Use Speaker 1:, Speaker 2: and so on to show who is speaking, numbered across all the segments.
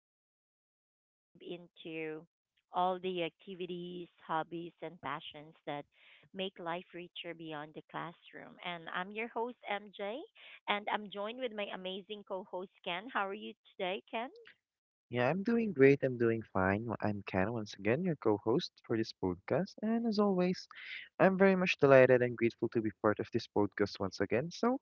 Speaker 1: where we dive into all the activities, hobbies, and passions that make life richer beyond the classroom. And I'm your host, MJ, and I'm joined with my amazing co host, Ken. How are you today, Ken?
Speaker 2: Yeah, I'm doing great. I'm doing fine. I'm Ken, once again, your co-host for this podcast. And as always, I'm very much delighted and grateful to be part of this podcast once again. So,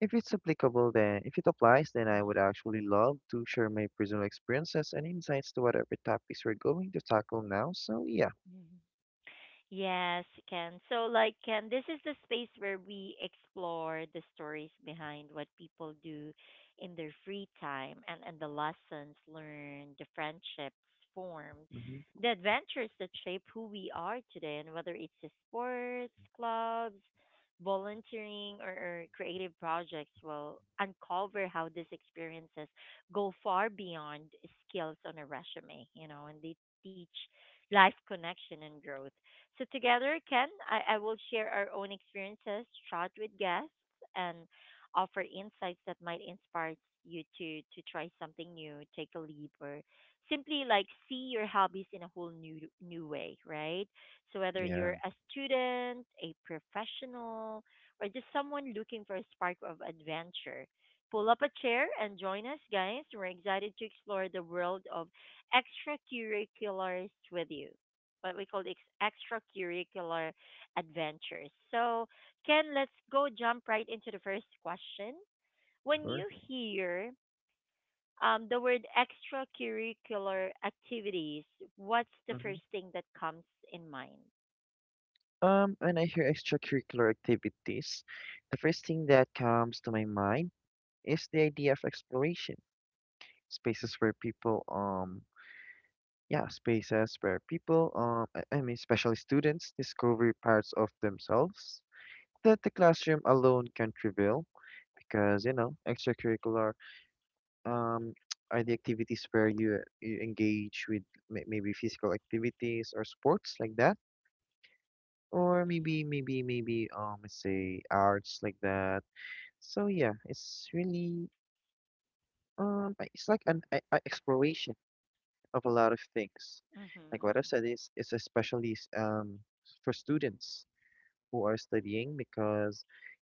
Speaker 2: if it's applicable, then if it applies, then I would
Speaker 1: Mm.
Speaker 2: actually love to share my personal experiences and insights to whatever topics we're going to tackle now. So, yeah.
Speaker 1: Yes, Ken. Ken, this is the space where we explore the stories behind what people do in their free time and the lessons learned, the friendships formed,
Speaker 2: Hmm.
Speaker 1: the adventures that shape who we are today, and whether it's the sports, clubs, volunteering, or creative projects, will uncover how these experiences go far beyond skills on a resume, and they teach life connection and growth so together, Ken, I will share our own experiences, chat with guests, and offer insights that might inspire you to try something new, take a leap, or simply see your hobbies in a whole new way, right? So whether
Speaker 2: Yeah,
Speaker 1: you're a student, a professional, or just someone looking for a spark of adventure, pull up a chair and join us, guys. We're excited to explore the world of extracurriculars with you, what we call extracurricular adventures. So, Ken, let's go jump right into the first question. When
Speaker 2: sure.
Speaker 1: you hear the word extracurricular activities, what's the
Speaker 2: Hmm.
Speaker 1: first thing that comes in mind?
Speaker 2: When I hear extracurricular activities, the first thing that comes to my mind is the idea of exploration, spaces where people, yeah, spaces where people, especially students, discover parts of themselves that the classroom alone can't reveal, because you know, extracurricular um, are the activities where you engage with maybe physical activities or sports like that, or
Speaker 1: Mhm.
Speaker 2: maybe let's say arts like that. So yeah, it's really it's like an a exploration of a lot of things. Like what I
Speaker 1: Mhm.
Speaker 2: said is it's especially for students who are studying because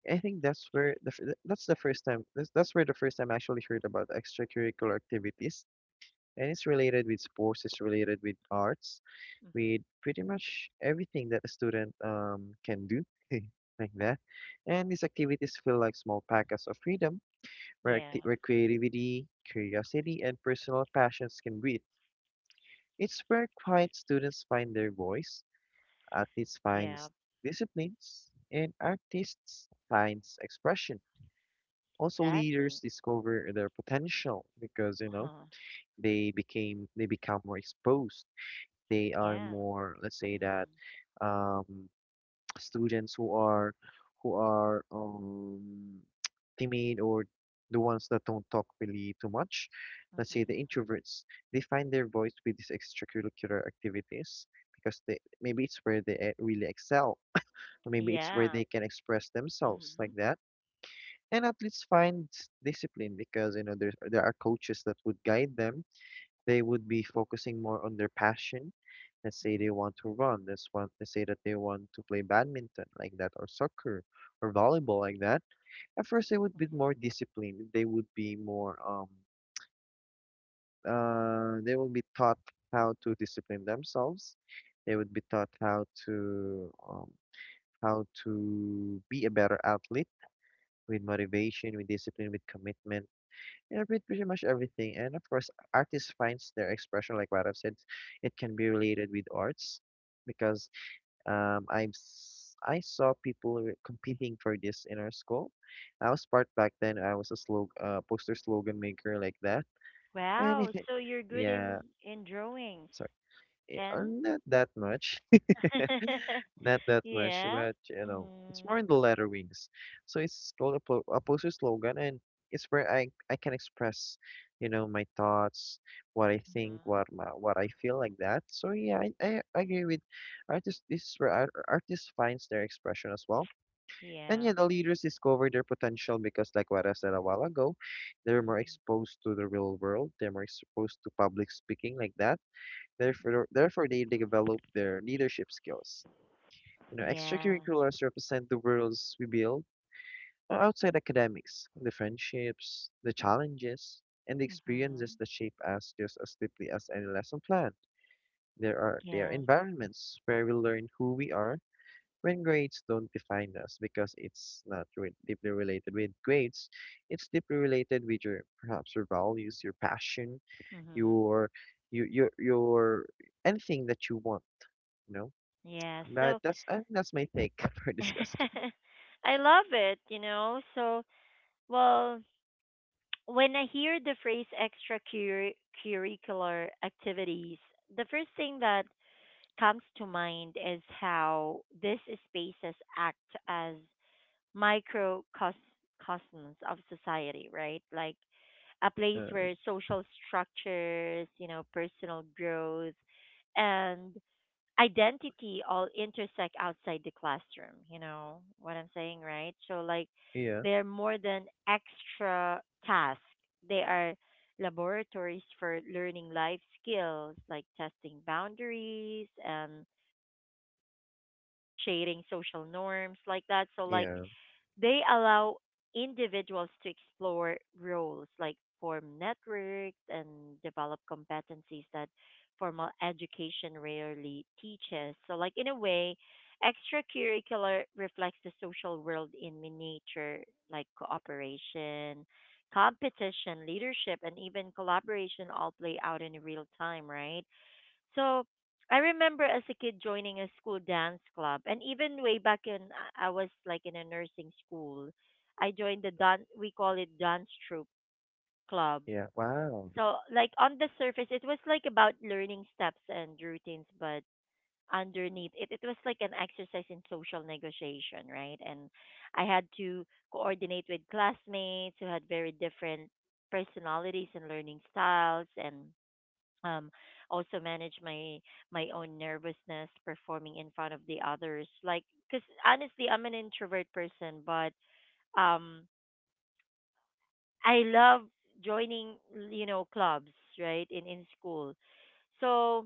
Speaker 2: I think that's where the first time that's where the first time I actually heard about extracurricular activities, and it's related with sports, it's related with arts, with
Speaker 1: Mhm.
Speaker 2: pretty much everything that a student can do like that. And these activities feel like small packets of freedom where
Speaker 1: Yeah,
Speaker 2: where creativity, curiosity, and personal passions can breathe. It's where quiet students find their voice, athletes finds
Speaker 1: yeah,
Speaker 2: disciplines, and artists finds expression. Also, leaders
Speaker 1: exactly.
Speaker 2: discover their potential because you know
Speaker 1: Uh-huh.
Speaker 2: they become more exposed. They are
Speaker 1: Yeah.
Speaker 2: more, let's say that,
Speaker 1: Mhm.
Speaker 2: um, students who are timid or the ones that don't talk really too much. Let's say the
Speaker 1: Mhm.
Speaker 2: introverts, they find their voice with these extracurricular activities because they maybe it's where they really excel, or maybe it's where
Speaker 1: Yeah.
Speaker 2: they can express themselves like
Speaker 1: Mhm.
Speaker 2: that, and at least find discipline because you know there are coaches that would guide them. They would be focusing more on their passion. Let's say they
Speaker 1: Mhm.
Speaker 2: want to run. Let's say that they want to play badminton like that, or soccer, or volleyball like that. At first, they would be
Speaker 1: Mhm.
Speaker 2: more disciplined. They would be more they will be taught how to discipline themselves. They would be taught how to be a better athlete with motivation, with discipline, with commitment. Yeah, pretty much everything. And of course, artists finds their expression, like what I've said, it can be related with arts because I saw people competing for this in our school. I was part back then. I was a slog poster slogan maker like that. And
Speaker 1: Wow,
Speaker 2: it,
Speaker 1: so you're good
Speaker 2: yeah,
Speaker 1: in drawings.
Speaker 2: sorry,
Speaker 1: Can?
Speaker 2: not that much. Not that much,
Speaker 1: Yeah.
Speaker 2: but you know, it's
Speaker 1: Mm-hmm.
Speaker 2: more in the letter wings. So it's called a poster slogan, and it's where I can express, you know, my thoughts, what I think,
Speaker 1: Mm-hmm.
Speaker 2: what I feel like that. So yeah, I agree with artists. This is where artists finds their expression as well. And
Speaker 1: Yeah.
Speaker 2: yeah, the leaders discover their potential because, like what I said a while ago, they're
Speaker 1: Mm-hmm.
Speaker 2: more exposed to the real world. They're more exposed to public speaking like that. Therefore,
Speaker 1: Mm-hmm.
Speaker 2: therefore they develop their leadership skills. You know,
Speaker 1: Yeah.
Speaker 2: extracurriculars represent the worlds we build outside academics, the friendships, the challenges, and the experiences
Speaker 1: Mm-hmm.
Speaker 2: that shape us just as deeply as any lesson plan. There are
Speaker 1: Yes.
Speaker 2: environments where we learn who we are when grades don't define us because it's not deeply related with grades. It's deeply related with your perhaps your values, your passion,
Speaker 1: Mm-hmm.
Speaker 2: your your anything that you want, you know.
Speaker 1: Yeah.
Speaker 2: But
Speaker 1: So
Speaker 2: that's I think that's my take for this question.
Speaker 1: I love it, you know. So, well, when I hear the phrase extracurricular activities, the first thing that comes to mind is how these spaces act as microcosms of society, right? Like a place
Speaker 2: Uh,
Speaker 1: where social structures, you know, personal growth and identity all intersect outside the classroom, you know what I'm saying, right? So like
Speaker 2: yeah,
Speaker 1: they're more than extra tasks. They are laboratories for learning life skills like testing boundaries and negotiating social norms like that. So like
Speaker 2: yeah,
Speaker 1: they allow individuals to explore roles like form networks and develop competencies that formal education rarely teaches. So, like in a way, extracurricular reflects the social world in miniature, like cooperation, competition, leadership, and even collaboration all play out in real time, right? So I remember as a kid joining a school dance club, and even way back in, I was like in a nursing school. I joined the dance. We call it dance troupe club.
Speaker 2: yeah. Wow.
Speaker 1: So like on the surface, it was like about learning steps and routines, but underneath it, it was like an exercise in social negotiation, right? And I had to coordinate with classmates who had very different personalities and learning styles, and um, also manage my own nervousness performing in front of the others like because honestly I'm an introvert person but um I love joining you know clubs right in school so I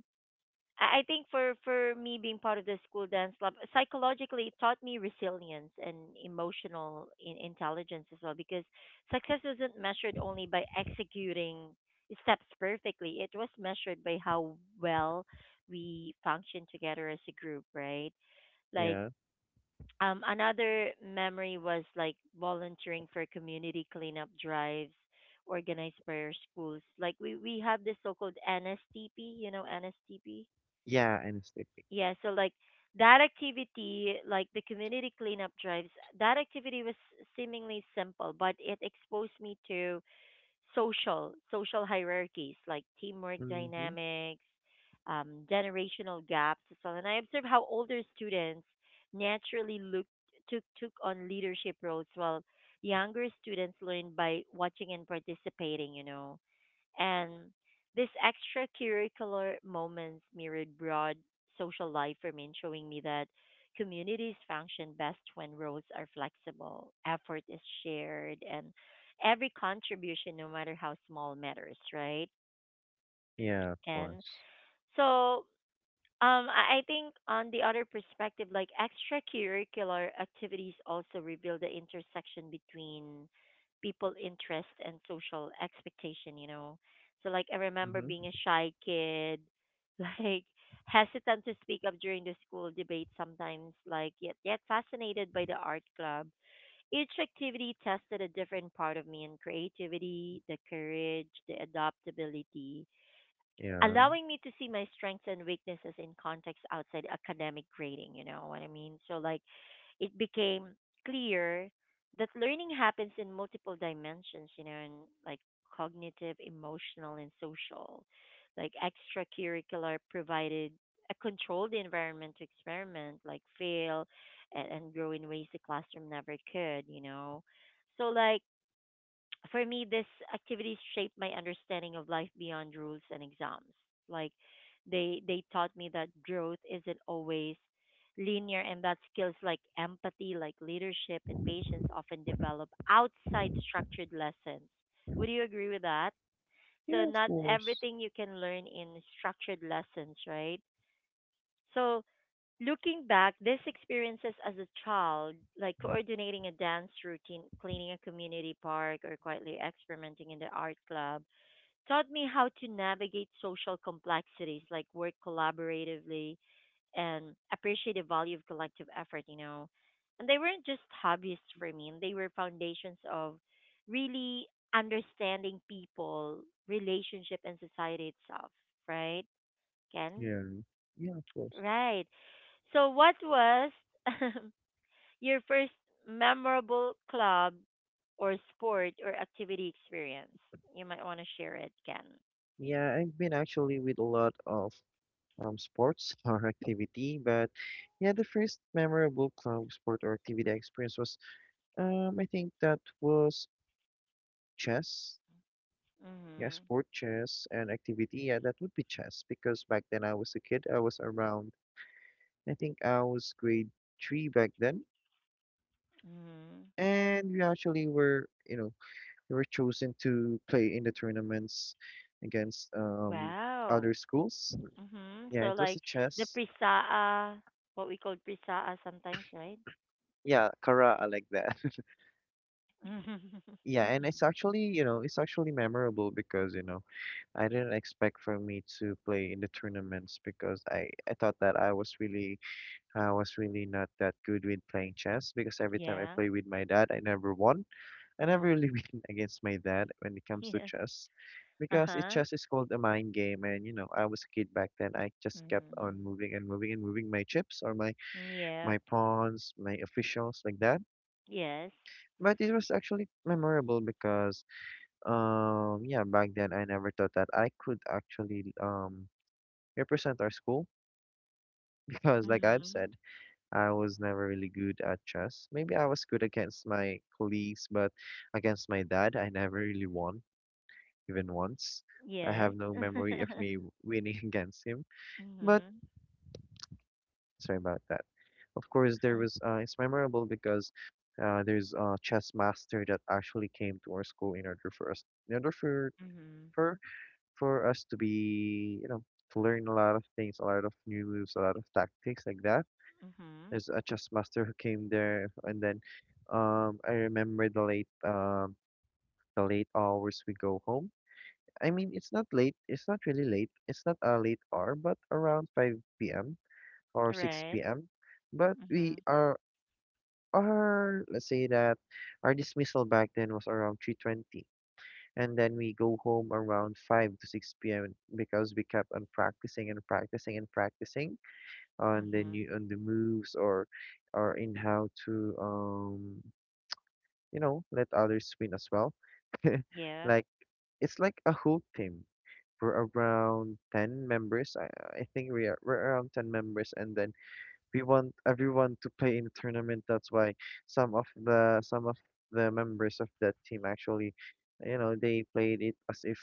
Speaker 1: I think for me being part of the school dance club, psychologically it taught me resilience and emotional intelligence as well because success isn't measured only by executing steps perfectly. It was measured by how well we function together as a group, right? Like
Speaker 2: Yeah,
Speaker 1: another memory was like volunteering for community cleanup drives organized by our schools. Like we have this so-called NSTP, you know, NSTP,
Speaker 2: yeah, I'm sleeping.
Speaker 1: yeah, so like that activity, like the community cleanup drives, that activity was seemingly simple, but it exposed me to social hierarchies like teamwork
Speaker 2: Mm-hmm.
Speaker 1: dynamics, generational gaps as well. And I observed how older students naturally looked took on leadership roles while younger students learned by watching and participating, you know. And these extracurricular moments mirrored broad social life for me, showing me that communities function best when roles are flexible, effort is shared, and every contribution, no matter how small, matters, right?
Speaker 2: Yeah, of
Speaker 1: And
Speaker 2: course.
Speaker 1: so I think on the other perspective, like extracurricular activities also reveal the intersection between people interest and social expectation, you know. So like I remember being
Speaker 2: Mm-hmm.
Speaker 1: a shy kid, like hesitant to speak up during the school debate sometimes, like yet fascinated by the art club. Each activity tested a different part of me and creativity, the courage, the adaptability
Speaker 2: Yeah,
Speaker 1: allowing me to see my strengths and weaknesses in context outside academic grading, you know what I mean? So like it became clear that learning happens in multiple dimensions, you know, and like cognitive, emotional and social. Like extracurricular provided a controlled environment to experiment, like fail and grow in ways the classroom never could, you know. So like for me, this activities shaped my understanding of life beyond rules and exams. Like they taught me that growth isn't always linear and that skills like empathy, like leadership and patience often develop outside structured lessons. Would you agree with that? So
Speaker 2: yeah, of
Speaker 1: not
Speaker 2: course.
Speaker 1: everything you can learn in structured lessons, right? So looking back, these experiences as a child, like coordinating a dance routine, cleaning a community park, or quietly experimenting in the art club, taught me how to navigate social complexities, like work collaboratively and appreciate the value of collective effort, you know. And they weren't just hobbies for me, and they were foundations of really understanding people, relationship, and society itself, right, Ken?
Speaker 2: Yeah, yeah, of course.
Speaker 1: Right. So what was your first memorable club or sport or activity experience? You might want to share it, Ken.
Speaker 2: Yeah, I've been actually with a lot of sports or activity, but yeah, the first memorable club sport or activity I experienced was I think that was chess. Yeah,
Speaker 1: Mhm.
Speaker 2: sport chess and activity. Yeah, that would be chess because back then I was a kid. I was around, I think I was grade 3 back then.
Speaker 1: Mhm.
Speaker 2: And we actually were, you know, we were chosen to play in the tournaments against
Speaker 1: Wow.
Speaker 2: other schools.
Speaker 1: Mhm.
Speaker 2: Yeah,
Speaker 1: So
Speaker 2: it was a
Speaker 1: like the
Speaker 2: chess.
Speaker 1: prisaa, what we call prisaa sometimes, right?
Speaker 2: Yeah, Kara, I like that.
Speaker 1: Mhm.
Speaker 2: Yeah, and
Speaker 1: Mm-mm.
Speaker 2: it's actually, you know, it's actually memorable because, you know, I didn't expect for me to play in the tournaments because I thought that I was really not that good with playing chess because every time I
Speaker 1: Yeah.
Speaker 2: play with my dad, I never won. I never really
Speaker 1: Mhm.
Speaker 2: win against my dad when it comes to
Speaker 1: Yeah.
Speaker 2: chess because it
Speaker 1: Uh-huh.
Speaker 2: chess is called a mind game and you know, I was a kid back then. I just kept on
Speaker 1: Mhm.
Speaker 2: moving and moving and moving my chips or my
Speaker 1: Yep.
Speaker 2: my pawns, my officials like that.
Speaker 1: Yes.
Speaker 2: But it was actually memorable because yeah, back then I never thought that I could actually represent our school because like I've
Speaker 1: Mhm.
Speaker 2: said I was never really good at chess. Maybe I was good against my colleagues, but against my dad, I never really won, even once. I
Speaker 1: Yes.
Speaker 2: have no memory of me winning against him, but
Speaker 1: Mhm.
Speaker 2: sorry about that. Of course,
Speaker 1: Uh,
Speaker 2: there was, it's memorable because there's a chess master that actually came to our school in order for us, in order
Speaker 1: Mhm.
Speaker 2: for, for us to be, you know, to learn a lot of things, a lot of new moves, a lot of tactics like that.
Speaker 1: Mhm.
Speaker 2: There's a chess master who came there, and then I remember the late hours we go home. I mean, it's not late. It's not really late. It's not a late hour, but around 5 p.m. or
Speaker 1: Right.
Speaker 2: 6 p.m. But we
Speaker 1: Mhm.
Speaker 2: are our let's say that our dismissal back then was around 3:20, and then we go home around 5 to 6 p.m. because we kept on practicing and practicing and practicing on the
Speaker 1: Mhm.
Speaker 2: new on the moves or in how to you know let others win as well
Speaker 1: Yep.
Speaker 2: like it's like a whole team we're around 10 members I think we're around 10 members and then we want everyone to play in a tournament. That's why some of the members of that team actually you know they played it as if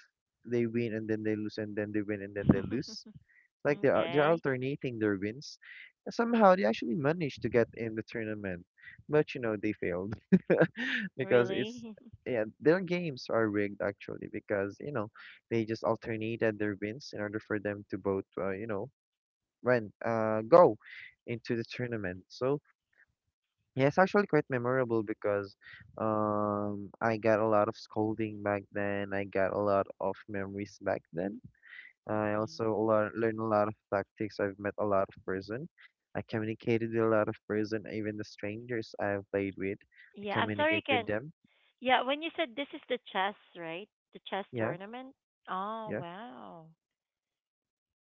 Speaker 2: they win and then they lose and then they win and then they lose like they're
Speaker 1: Okay.
Speaker 2: alternating their wins. And somehow they actually managed to get in the tournament, but you know they failed because it's
Speaker 1: Really?
Speaker 2: yeah their games are rigged actually because you know they just alternated their wins in order for them to both you know when go into the tournament. So yeah, it's actually quite memorable because I got a lot of scolding back then. I got a lot of memories back then. I also
Speaker 1: Mhm.
Speaker 2: learn a lot of tactics. I've met a lot of person. I communicated with a lot of person, even the strangers I've played with. I
Speaker 1: Yeah. I'm sorry,
Speaker 2: communicate with
Speaker 1: Ken.
Speaker 2: them.
Speaker 1: Yeah. When you said this is the chess, right? The chess
Speaker 2: Yeah,
Speaker 1: tournament. Oh
Speaker 2: yeah.
Speaker 1: wow.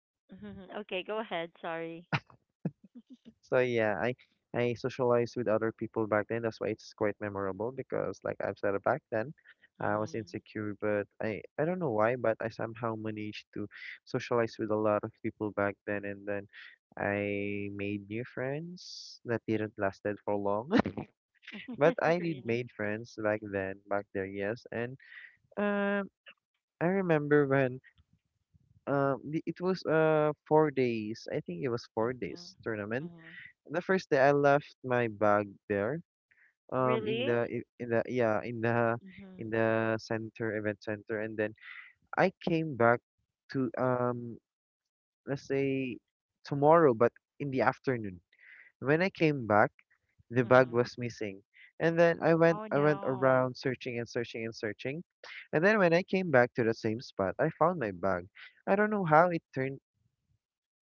Speaker 1: Mhm. Okay. Go ahead. Sorry.
Speaker 2: So yeah, I socialized with other people back then. That's why it's quite memorable because, like I've said, back then I was
Speaker 1: Mhm.
Speaker 2: insecure, but I don't know why, but I somehow managed to socialize with a lot of people back then, and then I made new friends that didn't lasted for long. But I did
Speaker 1: Really.
Speaker 2: made friends back then, back there, yes. And um, I remember when it was 4 days. I think it was four
Speaker 1: Mhm.
Speaker 2: days tournament.
Speaker 1: Mhm.
Speaker 2: The first day I left my bag there, in
Speaker 1: Really?
Speaker 2: the
Speaker 1: Mhm.
Speaker 2: in the center event center, and then I came back to let's say tomorrow, but in the afternoon. When I came back, the bag
Speaker 1: Mhm.
Speaker 2: was missing. And then
Speaker 1: Oh
Speaker 2: I went
Speaker 1: no.
Speaker 2: around searching and searching and searching. And then when I came back to the same spot, I found my bag. I don't know how it turned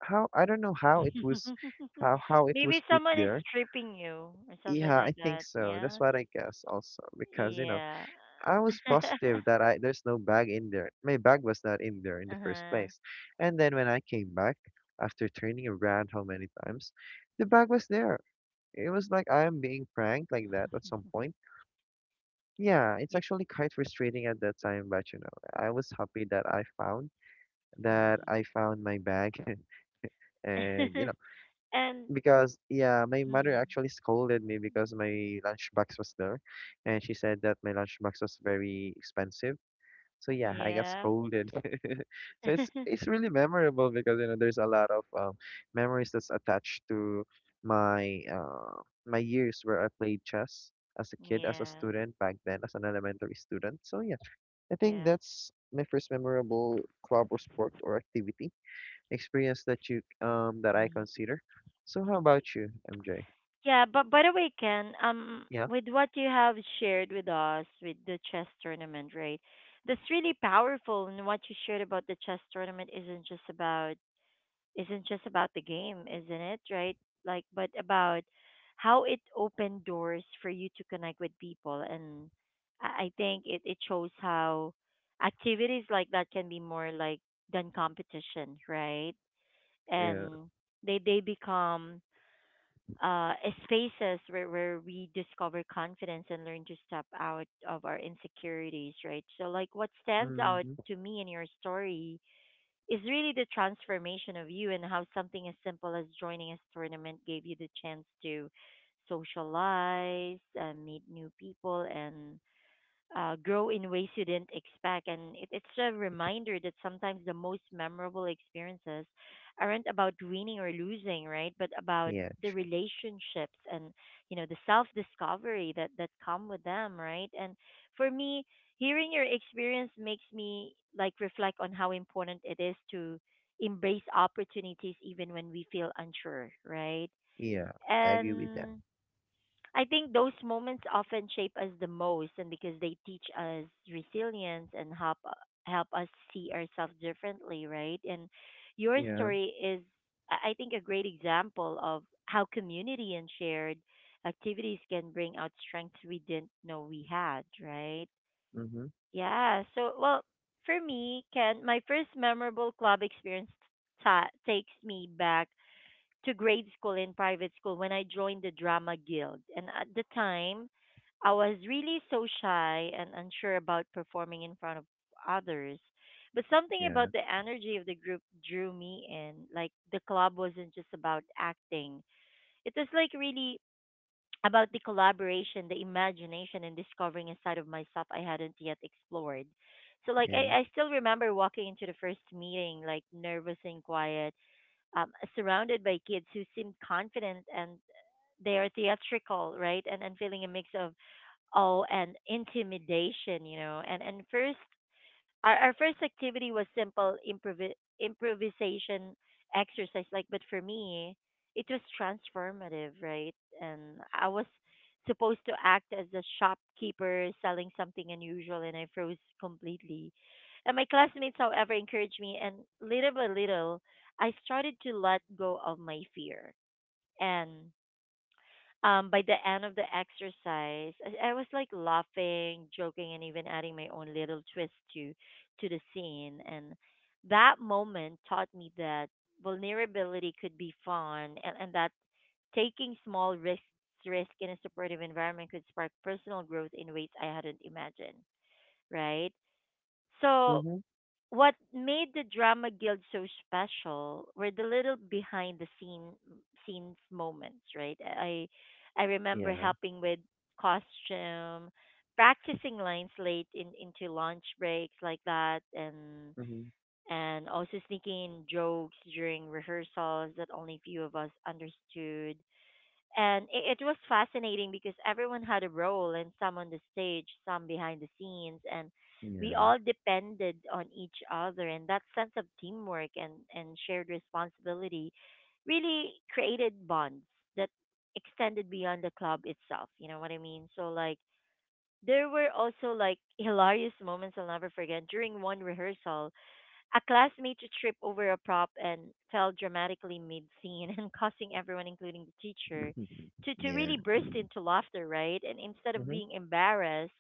Speaker 2: how I don't know how it
Speaker 1: Maybe
Speaker 2: was put
Speaker 1: someone is
Speaker 2: there.
Speaker 1: stripping you or something
Speaker 2: Yeah, I
Speaker 1: like
Speaker 2: think
Speaker 1: that.
Speaker 2: so. That's
Speaker 1: Yeah.
Speaker 2: what I guess also because you know,
Speaker 1: Yeah.
Speaker 2: I was positive that I there's no bag in there. My bag was not in there in the first
Speaker 1: Uh-huh.
Speaker 2: place. And then when I came back after turning around how many times, the bag was there. It was like I am being pranked like that at some point. Yeah, it's
Speaker 1: Yeah.
Speaker 2: actually quite frustrating at that time, but I was happy that I found my bag. and you
Speaker 1: Mm.
Speaker 2: know,
Speaker 1: And
Speaker 2: because yeah, my mother
Speaker 1: mm,
Speaker 2: actually scolded me because my lunchbox was there, and she said that my lunchbox was very expensive. So yeah, I got
Speaker 1: yeah.
Speaker 2: scolded. So it's really memorable because there's a lot of memories that's attached to my years where I played chess as a kid, as a
Speaker 1: Yeah.
Speaker 2: student back then, as an elementary student. So I think
Speaker 1: Yeah.
Speaker 2: that's my first memorable club or sport or activity experience that you that I
Speaker 1: Mm.
Speaker 2: consider. So how about you, MJ?
Speaker 1: Yeah, but by the way, Ken,
Speaker 2: Yeah.
Speaker 1: with what you have shared with us with the chess tournament, right? That's really powerful, and what you shared about the chess tournament isn't just about the game, isn't it? Right? Like, but about how it opened doors for you to connect with people. And I think it shows how activities like that can be more like than competition, right?
Speaker 2: Yeah.
Speaker 1: And they become uh, spaces where we discover confidence and learn to step out of our insecurities, right? So, like, what stands out
Speaker 2: Hmm.
Speaker 1: to me in your story is really the transformation of you and how something as simple as joining a tournament gave you the chance to socialize, meet new people, and grow in ways you didn't expect. And it's a reminder that sometimes the most memorable experiences aren't about winning or losing, right? But about
Speaker 2: Yeah,
Speaker 1: the
Speaker 2: true.
Speaker 1: relationships and you know the self discovery that come with them, right? And for me, hearing your experience makes me like reflect on how important it is to embrace opportunities even when we feel unsure, right?
Speaker 2: Yeah, I agree with that.
Speaker 1: And I think those moments often shape us the most, and because they teach us resilience and help help us see ourselves differently, right? And your
Speaker 2: Yeah.
Speaker 1: story is, I think, a great example of how community and shared activities can bring out strengths we didn't know we had, right?
Speaker 2: Mm-hmm.
Speaker 1: Yeah. So, well, for me, Ken, my first memorable club experience takes me back to grade school and private school when I joined the drama guild. And at the time, I was really so shy and unsure about performing in front of others. But something
Speaker 2: Yeah.
Speaker 1: about the energy of the group drew me in. Like the club wasn't just about acting. It was like really about the collaboration, the imagination and discovering a side of myself I hadn't yet explored. So like
Speaker 2: Yeah.
Speaker 1: I still remember walking into the first meeting like nervous and quiet surrounded by kids who seemed confident and they are theatrical, right? And feeling a mix of awe and intimidation, you know. And first our first activity was simple improvisation exercise. Like, but for me, it was transformative, right? And I was supposed to act as a shopkeeper selling something unusual, and I froze completely. And my classmates, however, encouraged me, and little by little, I started to let go of my fear. And by the end of the exercise, I was like laughing, joking, and even adding my own little twist to the scene. And that moment taught me that vulnerability could be fun, and that taking small risk in a supportive environment could spark personal growth in ways I hadn't imagined. Right. So
Speaker 2: Mm-hmm.
Speaker 1: what made the Drama Guild so special were the little behind the scene scenes moments, right? I remember
Speaker 2: Yeah.
Speaker 1: helping with costume, practicing lines late in into lunch breaks like that and
Speaker 2: Mm-hmm.
Speaker 1: and also sneaking in jokes during rehearsals that only few of us understood and it was fascinating because everyone had a role and some on the stage some behind the scenes and we
Speaker 2: Yeah.
Speaker 1: all depended on each other, and that sense of teamwork and shared responsibility really created bonds that extended beyond the club itself, you know what I mean? So like there were also like hilarious moments I'll never forget. During one rehearsal, a classmate tripped over a prop and fell dramatically mid-scene and causing everyone, including the teacher, to
Speaker 2: Yeah.
Speaker 1: really burst into laughter, right? And instead of
Speaker 2: Mm-hmm.
Speaker 1: being embarrassed,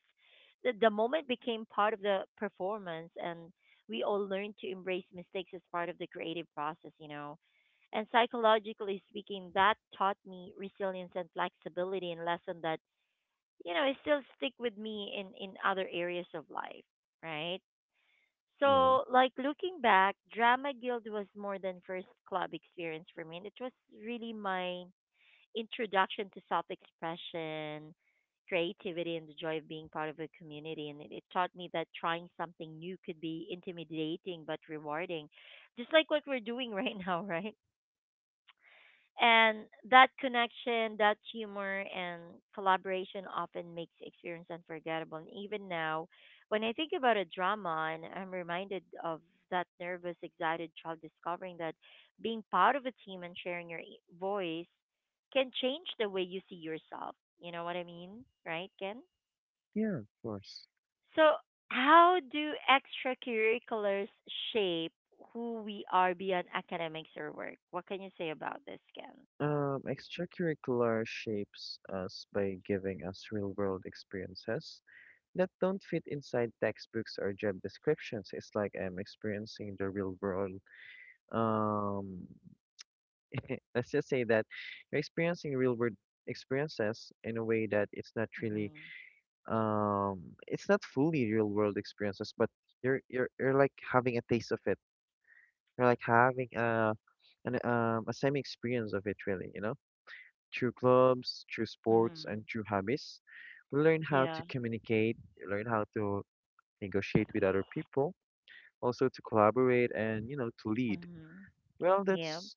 Speaker 1: the moment became part of the performance, and we all learned to embrace mistakes as part of the creative process, you know. And psychologically speaking, that taught me resilience and flexibility, and lesson that, you know, it still stick with me in other areas of life, right?
Speaker 2: Yeah.
Speaker 1: So, like looking back, Drama Guild was more than first club experience for me. And it was really my introduction to self-expression, creativity, and the joy of being part of a community. And it taught me that trying something new could be intimidating but rewarding, just like what we're doing right now, right? And that connection, that humor, and collaboration often makes the experience unforgettable. And even now, when I think about a drama, and I'm reminded of that nervous, excited child discovering that being part of a team and sharing your e- voice can change the way you see yourself. You know what I mean? Right, Ken?
Speaker 2: Yeah, of course.
Speaker 1: So, how do extracurriculars shape who we are beyond academics or work? What can you say about this, Ken?
Speaker 2: Extracurricular shapes us by giving us real-world experiences that don't fit inside textbooks or job descriptions. It's like I'm experiencing the real world. Um, let's just say that you're experiencing real world experiences in a way that it's not really
Speaker 1: Mm-hmm.
Speaker 2: it's not fully real world experiences, but you're like having a taste of it. You're like having a an a semi experience of it really, you know? Through clubs, through sports
Speaker 1: Mm-hmm.
Speaker 2: and through hobbies. We learn how to
Speaker 1: Yeah.
Speaker 2: communicate. We learn how to negotiate with other people, also to collaborate and to lead.
Speaker 1: Mm-hmm.
Speaker 2: Well,
Speaker 1: Yep.
Speaker 2: that's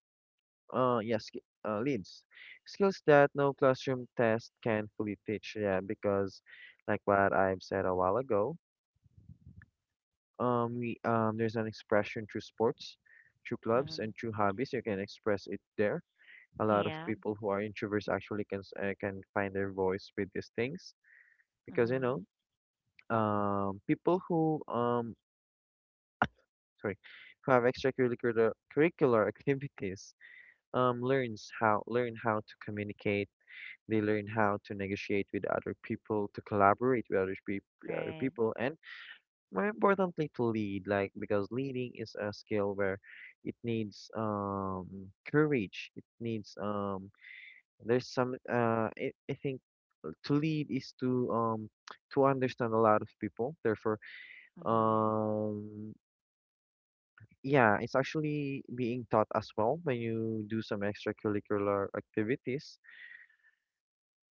Speaker 2: yeah, sk leads skills that no classroom test can fully teach. Yeah, because like what I've said a while ago, we there's an expression through sports, through clubs,
Speaker 1: Mm-hmm.
Speaker 2: and through hobbies. You can express it there. A lot of
Speaker 1: Yeah.
Speaker 2: people who are introverts actually can find their voice with these things because
Speaker 1: Mm-hmm.
Speaker 2: people who sorry who have extracurricular curricular activities learn how to communicate. They learn how to negotiate with other people, to collaborate with other
Speaker 1: Right.
Speaker 2: people, and more importantly, to lead. Like because leading is a skill where it needs courage. It needs there's some I think to lead is to understand a lot of people. Therefore,
Speaker 1: Mm-hmm.
Speaker 2: um, yeah, it's actually being taught as well when you do some extracurricular activities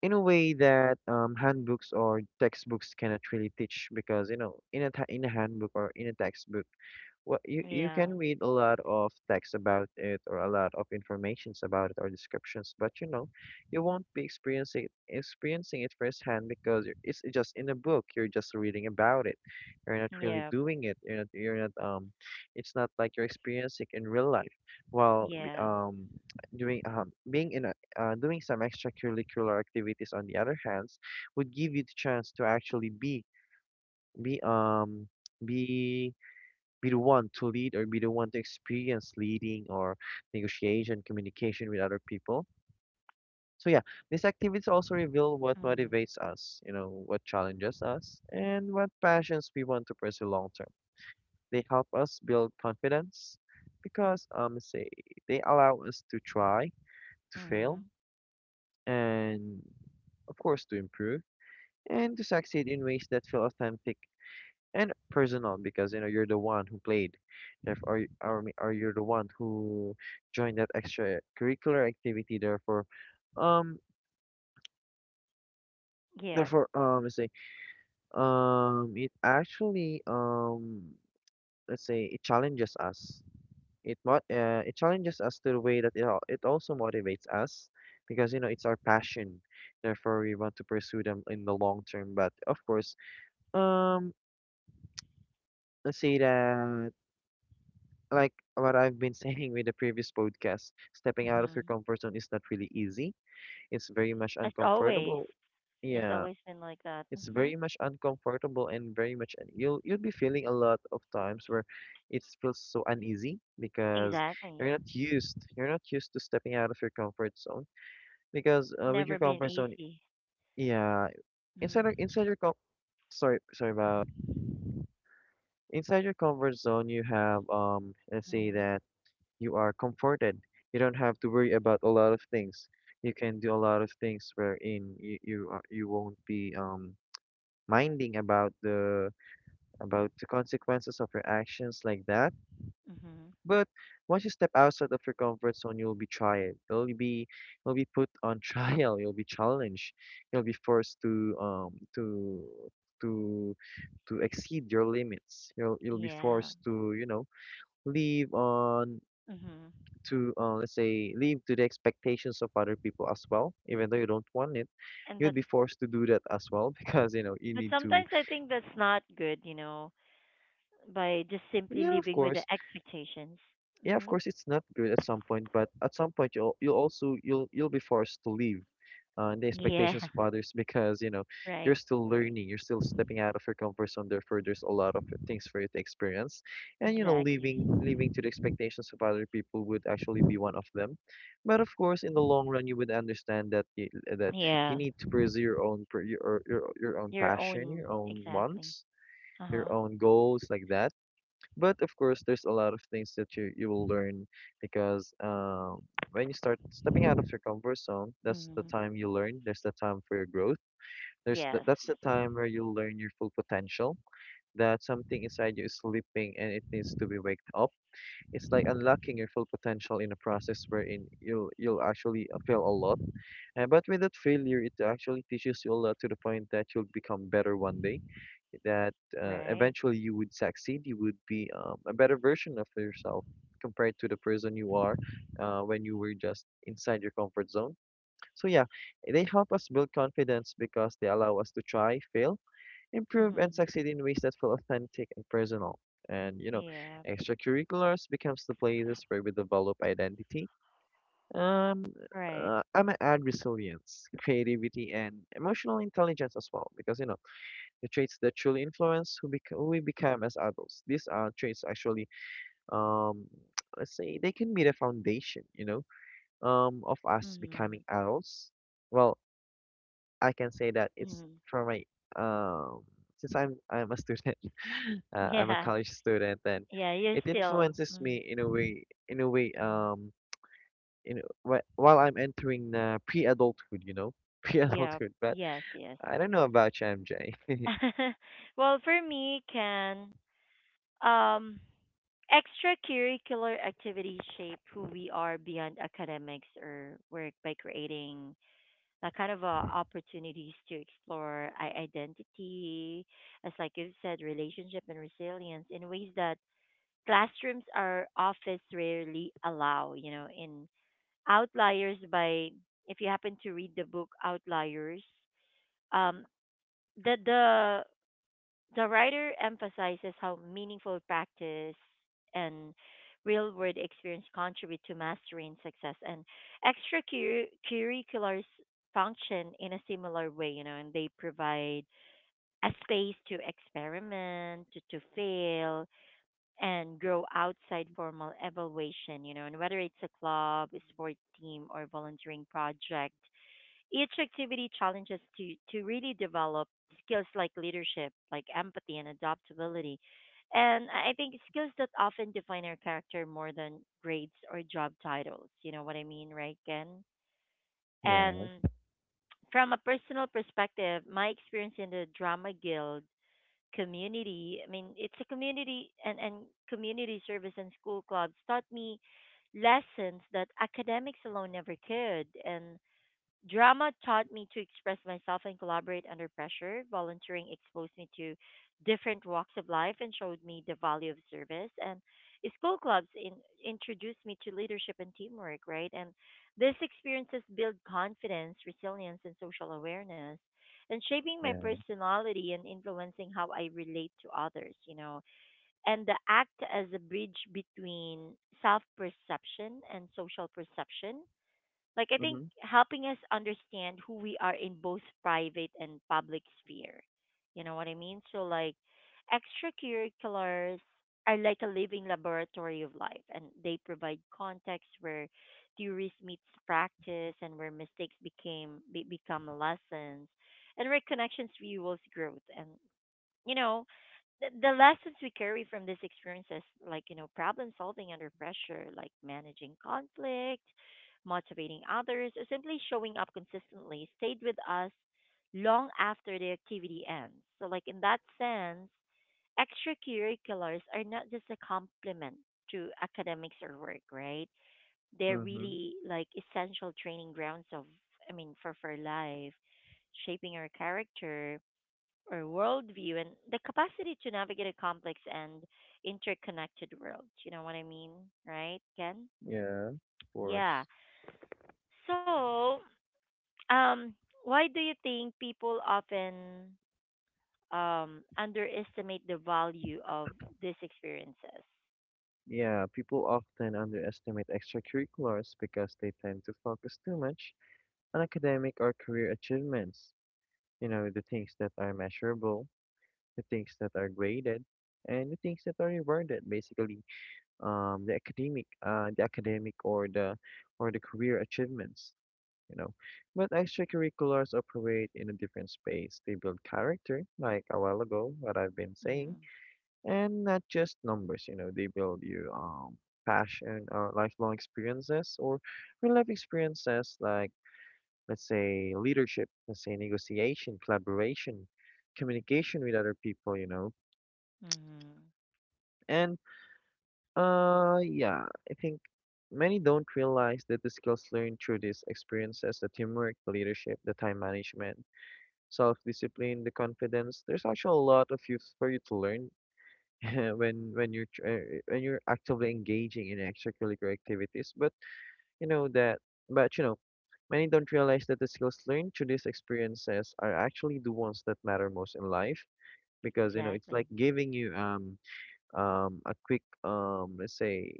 Speaker 2: in a way that handbooks or textbooks cannot really teach because in in a handbook or in a textbook, well, you
Speaker 1: Yeah.
Speaker 2: can read a lot of text about it or a lot of informations about it or descriptions, but you won't be experiencing it firsthand because it's just in a book. You're just reading about it. You're not really
Speaker 1: Yep.
Speaker 2: doing it. You're not it's not like you're experiencing in real life. While
Speaker 1: Yeah.
Speaker 2: doing being in a doing some extracurricular activities on the other hands would give you the chance to actually be um be be the one to lead or be the one to experience leading or negotiation, communication with other people. So yeah, these activities also reveal what
Speaker 1: Mm-hmm.
Speaker 2: motivates us, you know, what challenges us, and what passions we want to pursue long term. They help us build confidence because say they allow us to try, to fail,
Speaker 1: Mm-hmm.
Speaker 2: and of course to improve and to succeed in ways that feel authentic and personal because you're the one who played therefore, or, y- or me- or you're the one who joined that extracurricular activity therefore, um
Speaker 1: Yep.
Speaker 2: let's say it actually let's say it challenges us. It challenges us to the way that it also motivates us because it's our passion, therefore we want to pursue them in the long term. But of course, um let's say that like what I've been saying with the previous podcast, stepping out of
Speaker 1: Mm-hmm.
Speaker 2: your comfort zone is not really easy. It's very much
Speaker 1: As always,
Speaker 2: uncomfortable.
Speaker 1: it's
Speaker 2: Yeah,
Speaker 1: always been like that.
Speaker 2: it's
Speaker 1: Mm-hmm.
Speaker 2: very much uncomfortable and very much you'll be feeling a lot of times where it feels so uneasy because
Speaker 1: Exactly.
Speaker 2: you're not used to stepping out of your comfort zone because with your
Speaker 1: Never been
Speaker 2: comfort zone,
Speaker 1: easy.
Speaker 2: yeah, inside
Speaker 1: Mm-hmm.
Speaker 2: your com sorry sorry about inside your comfort zone you have let's say
Speaker 1: Mm-hmm.
Speaker 2: that you are comforted. You don't have to worry about a lot of things. You can do a lot of things wherein you won't be minding about the consequences of your actions like that.
Speaker 1: Mm-hmm.
Speaker 2: But once you step outside of your comfort zone, you'll be tried. You'll be put on trial. You'll be challenged. You'll be forced to um to to to exceed your limits. You'll be
Speaker 1: Yeah.
Speaker 2: forced to, you know, live on
Speaker 1: Mm-hmm.
Speaker 2: to, let's say, live to the expectations of other people as well even though you don't want it.
Speaker 1: And
Speaker 2: You'd
Speaker 1: that's,
Speaker 2: be forced to do that as well because you know you
Speaker 1: but
Speaker 2: need to.
Speaker 1: sometimes I think that's not good, you know, by just simply
Speaker 2: Yeah, of
Speaker 1: living with the
Speaker 2: course.
Speaker 1: expectations.
Speaker 2: Yeah, of
Speaker 1: Mm-hmm.
Speaker 2: course it's not good at some point, but at some point you'll also you'll be forced to leave the
Speaker 1: Yeah,
Speaker 2: expectations of others because you know you're
Speaker 1: right,
Speaker 2: still
Speaker 1: right.
Speaker 2: learning, you're still stepping out of your comfort zone. Therefore, there's a lot of things for you to experience, and you know
Speaker 1: Exactly.
Speaker 2: leaving to the expectations of other people would actually be one of them. But of course, in the long run, you would understand that that you
Speaker 1: Yeah,
Speaker 2: need to pursue your own
Speaker 1: your
Speaker 2: passion,
Speaker 1: own,
Speaker 2: your own
Speaker 1: exactly.
Speaker 2: wants,
Speaker 1: Uh
Speaker 2: your
Speaker 1: huh.
Speaker 2: own goals like that. But of course, there's a lot of things that you will learn because when you start stepping out of your comfort zone, that's the
Speaker 1: Mm-hmm.
Speaker 2: time you learn. There's the time for your growth.
Speaker 1: Yes,
Speaker 2: That's the time where you learn your full potential, that something inside you is sleeping and it needs to be waked up. It's like unlocking your full potential in a process wherein you'll actually fail a lot. But with that failure, it actually teaches you a lot to the point that you'll become better one day, that
Speaker 1: right.
Speaker 2: eventually you would succeed. You would be, a better version of yourself compared to the person you are when you were just inside your comfort zone. So yeah, they help us build confidence because they allow us to try, fail, improve, and
Speaker 1: Mm-hmm.
Speaker 2: succeed in ways that feel authentic and personal. And you know,
Speaker 1: Yeah,
Speaker 2: extracurriculars becomes the places where we develop identity. Um,
Speaker 1: right.
Speaker 2: I'm gonna add resilience, creativity, and emotional intelligence as well, because you know the traits that truly influence who we become as adults. These are traits actually, um, let's say, they can be the foundation, you know, of us
Speaker 1: Mm-hmm.
Speaker 2: becoming adults. Well, I can say that it's
Speaker 1: Mm-hmm.
Speaker 2: from my um, since I'm a student, I'm a
Speaker 1: Yeah,
Speaker 2: college student, and
Speaker 1: yeah, you're
Speaker 2: it
Speaker 1: still.
Speaker 2: influences me in a way, in a way,
Speaker 1: Mm-hmm.
Speaker 2: in while I'm entering pre-adulthood, you know,
Speaker 1: Yeah,
Speaker 2: pre-adulthood. But
Speaker 1: yes, yes.
Speaker 2: I don't know about you, MJ.
Speaker 1: Well, for me, can um, extracurricular activities shape who we are beyond academics or work by creating that kind of opportunities to explore I- identity, as like you said, relationship and resilience in ways that classrooms or office rarely allow. You know, in Outliers by if you happen to read the book Outliers, um, the the writer emphasizes how meaningful practice and real world experience contribute to mastery and success. And extracurriculars function in a similar way, you know, and they provide a space to experiment, to fail, and grow outside formal evaluation, you know, and whether it's a club, a sport team, or volunteering project, each activity challenges to really develop skills like leadership, like empathy and adaptability. And I think skills that often define our character more than grades or job titles. You know what I mean, right, Ken?
Speaker 2: Yeah,
Speaker 1: And from a personal perspective, my experience in the drama guild community, I mean, it's a community and community service and school clubs taught me lessons that academics alone never could. And Drama taught me to express myself and collaborate under pressure. Volunteering exposed me to different walks of life and showed me the value of service. And school clubs in, introduced me to leadership and teamwork, right? And these experiences build confidence, resilience, and social awareness, and shaping my
Speaker 2: yeah.
Speaker 1: personality and influencing how I relate to others, you know. And the act as a bridge between self perception and social perception, like I think
Speaker 2: Mm-hmm.
Speaker 1: helping us understand who we are in both private and public sphere. You know what I mean? So like extracurriculars are like a living laboratory of life, and they provide context where theories meets practice, and where mistakes become lessons, and where connections fuels growth. And you know the lessons we carry from these experiences like you know problem solving under pressure, like managing conflict, motivating others, or simply showing up consistently, stayed with us long after the activity ends. So like in that sense, extracurriculars are not just a complement to academics or work, right? They're
Speaker 2: Mm-hmm.
Speaker 1: really like essential training grounds of, I mean, for life, shaping our character or worldview and the capacity to navigate a complex and interconnected world. You know what I mean, right, Ken?
Speaker 2: Yeah, of
Speaker 1: Yeah.
Speaker 2: course.
Speaker 1: So, um, why do you think people often underestimate the value of these experiences?
Speaker 2: Yeah, people often underestimate extracurriculars because they tend to focus too much on academic or career achievements. You know, the things that are measurable, the things that are graded, and the things that are rewarded, basically, the academic or the career achievements, you know. But extracurriculars operate in a different space. They build character, like a while ago, what I've been
Speaker 1: Mm-hmm.
Speaker 2: saying, and not just numbers. You know, they build you passion or lifelong experiences or real life experiences, like let's say leadership, let's say negotiation, collaboration, communication with other people, you know.
Speaker 1: Mm-hmm.
Speaker 2: And yeah, I think many don't realize that the skills learned through these experiences, the teamwork, the leadership, the time management, self-discipline, the confidence, there's actually a lot of you for you to learn when when you're actively engaging in extracurricular activities. But you know that you know many don't realize that the skills learned through these experiences are actually the ones that matter most in life because you know it's
Speaker 1: Exactly.
Speaker 2: like giving you a quick, let's say,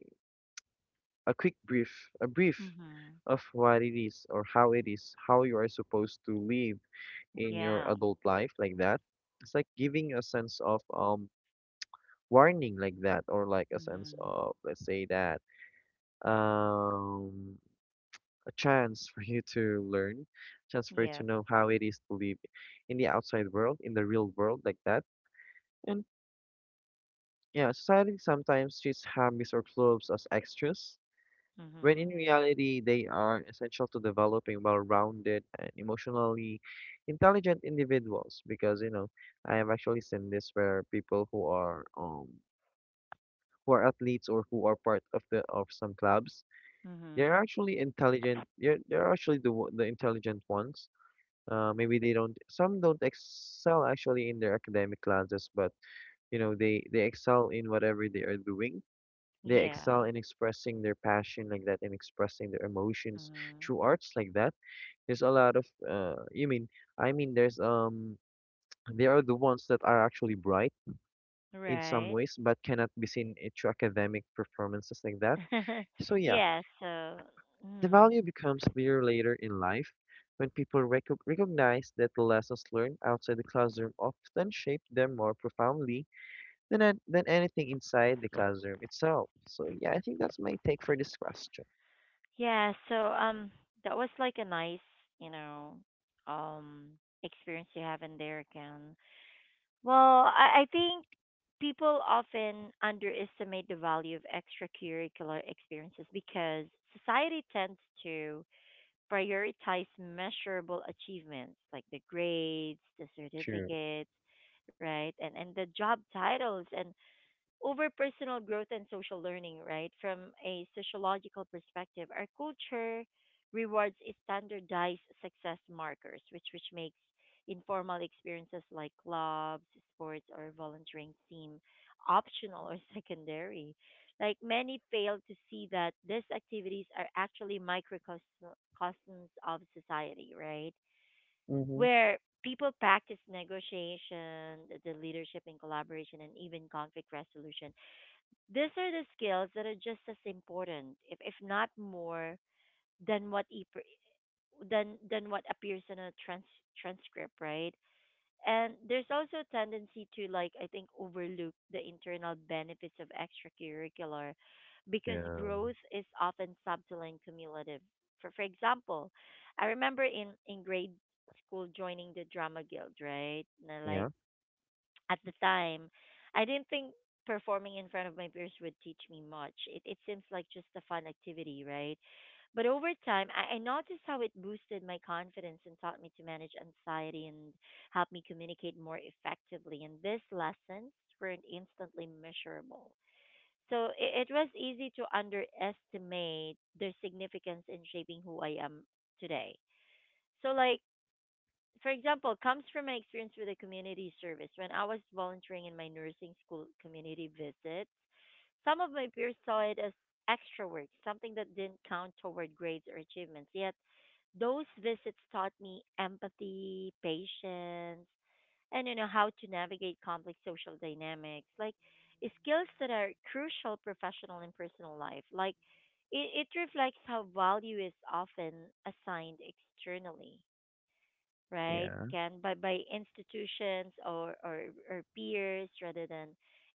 Speaker 2: a quick brief a brief
Speaker 1: Mm-hmm.
Speaker 2: of what it is or how it is, how you are supposed to live in your
Speaker 1: Yeah.
Speaker 2: adult life like that. It's like giving a sense of warning like that, or like a sense
Speaker 1: Mm-hmm.
Speaker 2: of, let's say that um a chance for you to learn, chance for you to
Speaker 1: Yep.
Speaker 2: know how it is to live in the outside world, in the real world like that. And yeah, society sometimes treats hobbies or clubs as extras when in
Speaker 1: Mm-hmm.
Speaker 2: reality they are essential to developing well-rounded and emotionally intelligent individuals, because you know I have actually seen this where people who are athletes or who are part of the of some clubs. They're
Speaker 1: Mm-hmm.
Speaker 2: actually intelligent. They're actually the intelligent ones. Maybe they don't. Some don't excel actually in their academic classes, but you know they excel in whatever they are doing. They
Speaker 1: Yeah.
Speaker 2: excel in expressing their passion like that and expressing their emotions
Speaker 1: Mm-hmm.
Speaker 2: through arts like that. There's a lot of you mean I mean there's they are the ones that are actually bright in some
Speaker 1: Right.
Speaker 2: ways, but cannot be seen through academic performances like that. So yeah.
Speaker 1: yeah, so
Speaker 2: The
Speaker 1: mm,
Speaker 2: value becomes clear later in life when people recognize that the lessons learned outside the classroom often shape them more profoundly than anything inside the classroom itself. So, yeah, I think that's my take for this question.
Speaker 1: yeah, so that was like a nice, you know, um experience you have in there again. Well, I think people often underestimate the value of extracurricular experiences because society tends to prioritize measurable achievements like the grades, the
Speaker 2: True.
Speaker 1: certificates, right? And the job titles and over personal growth and social learning, right? From a sociological perspective, our culture rewards standardized success markers, which makes informal experiences like clubs, sports, or volunteering seem optional or secondary. Like many fail to see that these activities are actually microcosms of society, right?
Speaker 2: Mm-hmm.
Speaker 1: Where people practice negotiation, the leadership and collaboration, and even conflict resolution, these are the skills that are just as important, if not more, than what e- than what appears in a trans- transcript, right? And there's also a tendency to, like I think, overlook the internal benefits of extracurricular because
Speaker 2: Yeah.
Speaker 1: growth is often subtle and cumulative. For example, I remember in grade school joining the drama guild, right? Na like
Speaker 2: Yeah,
Speaker 1: at the time, I didn't think performing in front of my peers would teach me much. It seems like just a fun activity, right? But over time, I noticed how it boosted my confidence and taught me to manage anxiety and helped me communicate more effectively. And these lessons weren't instantly measurable. So it was easy to underestimate their significance in shaping who I am today. So, like, for example, comes from my experience with the community service. When I was volunteering in my nursing school community visits, some of my peers saw it as extra work, something that didn't count toward grades or achievements. Yet those visits taught me empathy, patience, and you know how to navigate complex social dynamics, like skills that are crucial professional and personal life. Like it reflects how value is often assigned externally, right?
Speaker 2: yeah.
Speaker 1: Can by institutions, or or peers rather than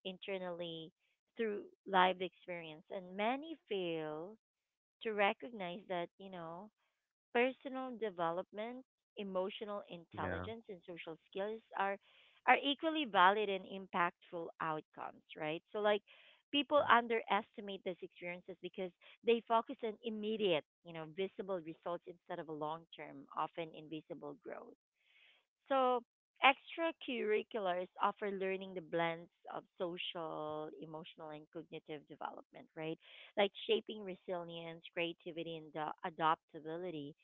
Speaker 1: internally through lived experience. And many fail to recognize that, you know, personal development, emotional
Speaker 2: Yeah.
Speaker 1: intelligence and social skills are equally valid and impactful outcomes, right? So like people
Speaker 2: Yeah.
Speaker 1: underestimate these experiences because they focus on immediate, you know, visible results instead of a long term, often invisible growth. So, extracurriculars offer learning the blends of social, emotional, and cognitive development, right? Like shaping resilience, creativity, and adaptability.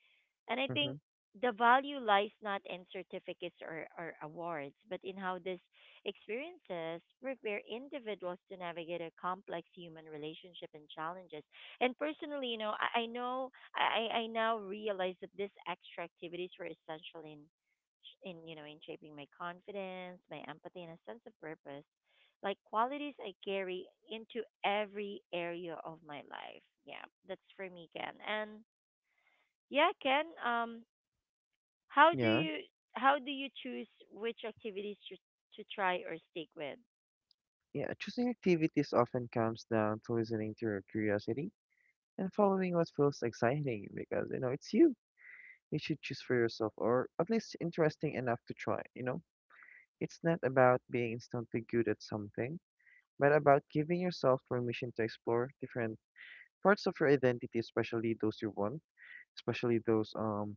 Speaker 1: And I think
Speaker 2: Mm-hmm.
Speaker 1: the value lies not in certificates or awards, but in how these experiences prepare individuals to navigate a complex human relationship and challenges. And personally, you know, I know I now realize that these extra activities were essential in you know in shaping my confidence, my empathy, and a sense of purpose. Like qualities I carry into every area of my life. Yeah, that's for me, Ken. And yeah, Ken. How do
Speaker 2: Yeah,
Speaker 1: you how do you choose which activities to try or stick with?
Speaker 2: yeah. Choosing activities often comes down to listening to your curiosity and following what feels exciting because, you know, it's you. You should choose for yourself or at least interesting enough to try, you know? It's not about being instantly good at something, but about giving yourself permission to explore different parts of your identity, especially those you want, especially those um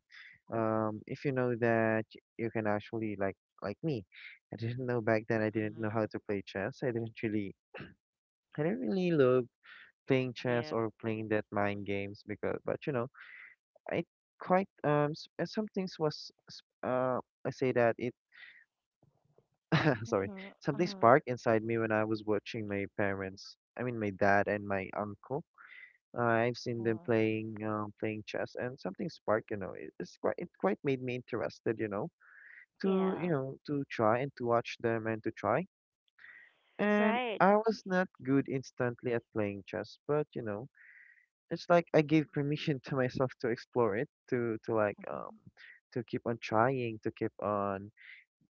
Speaker 2: um if you know that you can actually like me. I didn't know how
Speaker 1: Mm,
Speaker 2: to play chess. I didn't really love playing chess
Speaker 1: yep.
Speaker 2: or playing that mind games because but you know, I quite s- some things was s- I say that it Sorry.
Speaker 1: Mm-hmm.
Speaker 2: Something
Speaker 1: Mm-hmm.
Speaker 2: sparked inside me when I was watching my parents, I mean my dad and my uncle. I've seen them playing chess and something sparked, you know. It quite made me interested, you know,
Speaker 1: Yeah.
Speaker 2: to try and to watch them and to try. And
Speaker 1: Right.
Speaker 2: I was not good instantly at playing chess, but you know, it's like I gave permission to myself to explore it, to keep on trying,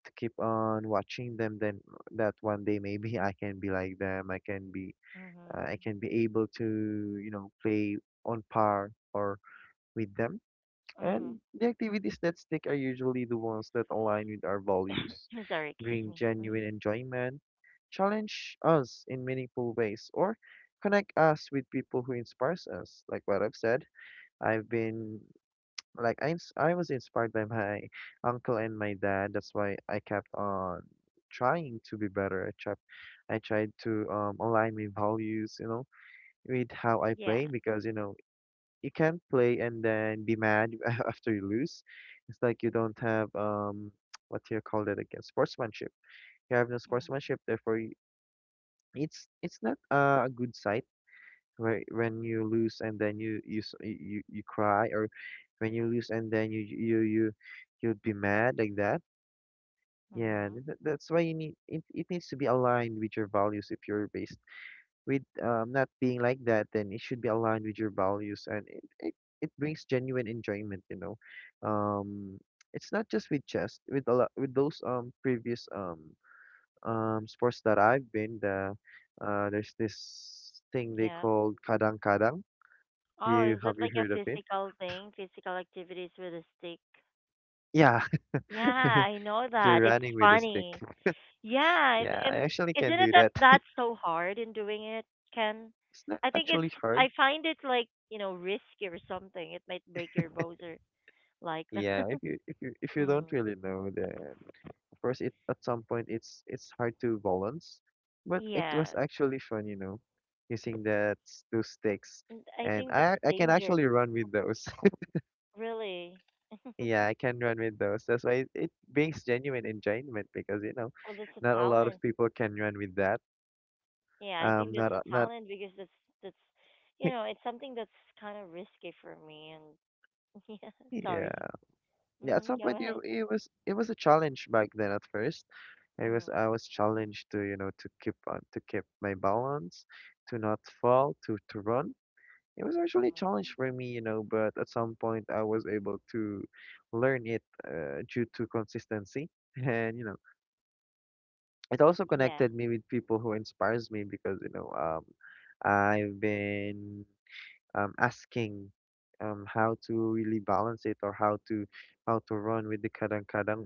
Speaker 2: to keep on watching them, then that one day maybe I can be like them.
Speaker 1: Mm-hmm.
Speaker 2: I can be able to, you know, play on par or with them. And the activities that stick are usually the ones that align with our values,
Speaker 1: Sorry. Excuse
Speaker 2: bring
Speaker 1: me.
Speaker 2: genuine enjoyment, challenge us in meaningful ways, or connect us with people who inspires us. Like what I've said, I've been I was inspired by my uncle and my dad. That's why I kept on trying to be better. I tried to align my values, you know, with how I
Speaker 1: Yeah.
Speaker 2: play because you know you can't play and then be mad after you lose. It's like you don't have what do you call that again? Sportsmanship. You have no
Speaker 1: Mm-hmm.
Speaker 2: sportsmanship. Therefore, you, it's not a good sight when you lose and then you cry or when you lose and then you you'd be mad like that.
Speaker 1: Mm-hmm.
Speaker 2: That's why you need it, it needs to be aligned with your values if you're based with not being like that, then it should be aligned with your values and it, it brings genuine enjoyment, you know. um it's not just with chess, with a lot with those previous sports that I've been there's this thing they
Speaker 1: Yeah.
Speaker 2: called kadang kadang.
Speaker 1: Oh,
Speaker 2: You
Speaker 1: is
Speaker 2: have
Speaker 1: it
Speaker 2: you
Speaker 1: like a
Speaker 2: heard of it?
Speaker 1: physical thing? Physical activities with a stick?
Speaker 2: Yeah,
Speaker 1: Yeah, I know
Speaker 2: you're
Speaker 1: that. It's
Speaker 2: running with a stick.
Speaker 1: funny. Yeah, it's,
Speaker 2: Yeah, I
Speaker 1: and
Speaker 2: actually can
Speaker 1: isn't it
Speaker 2: do
Speaker 1: that
Speaker 2: that.
Speaker 1: that's so hard in doing it, Ken?
Speaker 2: It's not
Speaker 1: I think it's
Speaker 2: actually hard.
Speaker 1: I find it like you know risky or something. It might break your bones or like
Speaker 2: Yeah,
Speaker 1: that.
Speaker 2: if you if you if you
Speaker 1: mm.
Speaker 2: don't really know, then of course it at some point it's hard to balance, but it was
Speaker 1: Yes,
Speaker 2: actually fun, you know, using those sticks,
Speaker 1: and I
Speaker 2: and
Speaker 1: think
Speaker 2: I
Speaker 1: that's
Speaker 2: I can
Speaker 1: danger.
Speaker 2: actually run with those.
Speaker 1: Really,
Speaker 2: Yeah, I can run with those. That's why it brings genuine enjoyment because you know,
Speaker 1: well, that's a
Speaker 2: not a lot of
Speaker 1: talent.
Speaker 2: people can run with that.
Speaker 1: Yeah, I think that's
Speaker 2: Not a-
Speaker 1: a
Speaker 2: not
Speaker 1: talent because that's you know it's something that's kind of risky for me. And yeah,
Speaker 2: yeah.
Speaker 1: sorry.
Speaker 2: Yeah, at
Speaker 1: Hmm
Speaker 2: some
Speaker 1: Go
Speaker 2: point
Speaker 1: ahead.
Speaker 2: it was a challenge back then at first. I
Speaker 1: Mm-hmm.
Speaker 2: was challenged to, you know, to keep my balance, to not fall, to run. It was actually a
Speaker 1: Mm-hmm.
Speaker 2: challenge for me, you know, but at some point I was able to learn it due to consistency. And, you know, it also
Speaker 1: Yeah.
Speaker 2: connected me with people who inspires me because, you know, I've been asking how to really balance it or how to run with the kadang kadang.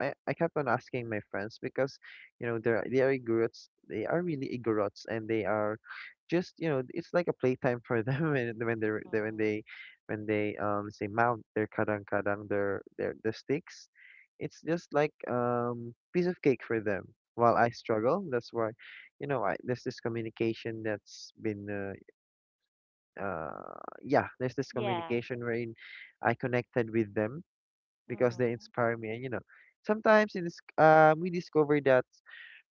Speaker 2: I kept on asking my friends because you know they are igorots, they are really igorots, and they are just, you know, it's like a playtime for them when they when they
Speaker 1: Mm-hmm.
Speaker 2: when they say mount their kadang kadang, their the sticks. It's just like piece of cake for them while I struggle. That's why you know there's this communication that's been yeah, there's this
Speaker 1: Yeah.
Speaker 2: communication wherein I connected with them because they
Speaker 1: Mm-hmm.
Speaker 2: inspire me. And you know, sometimes it is, we discover that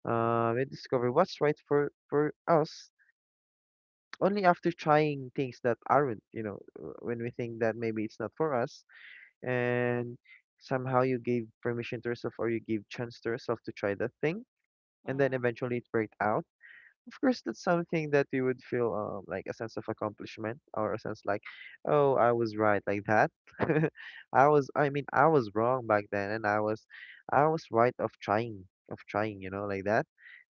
Speaker 2: we discover what's right for us only after trying things that aren't. You know, when we think that maybe it's not for us, and somehow you gave permission to yourself or you give chance to yourself to try that thing, and then
Speaker 1: Mm,
Speaker 2: eventually it worked out. Of course that's something that you would feel like a sense of accomplishment or a sense like, oh, I was right like that. I was wrong back then and I was right of trying, of trying, you know, like that.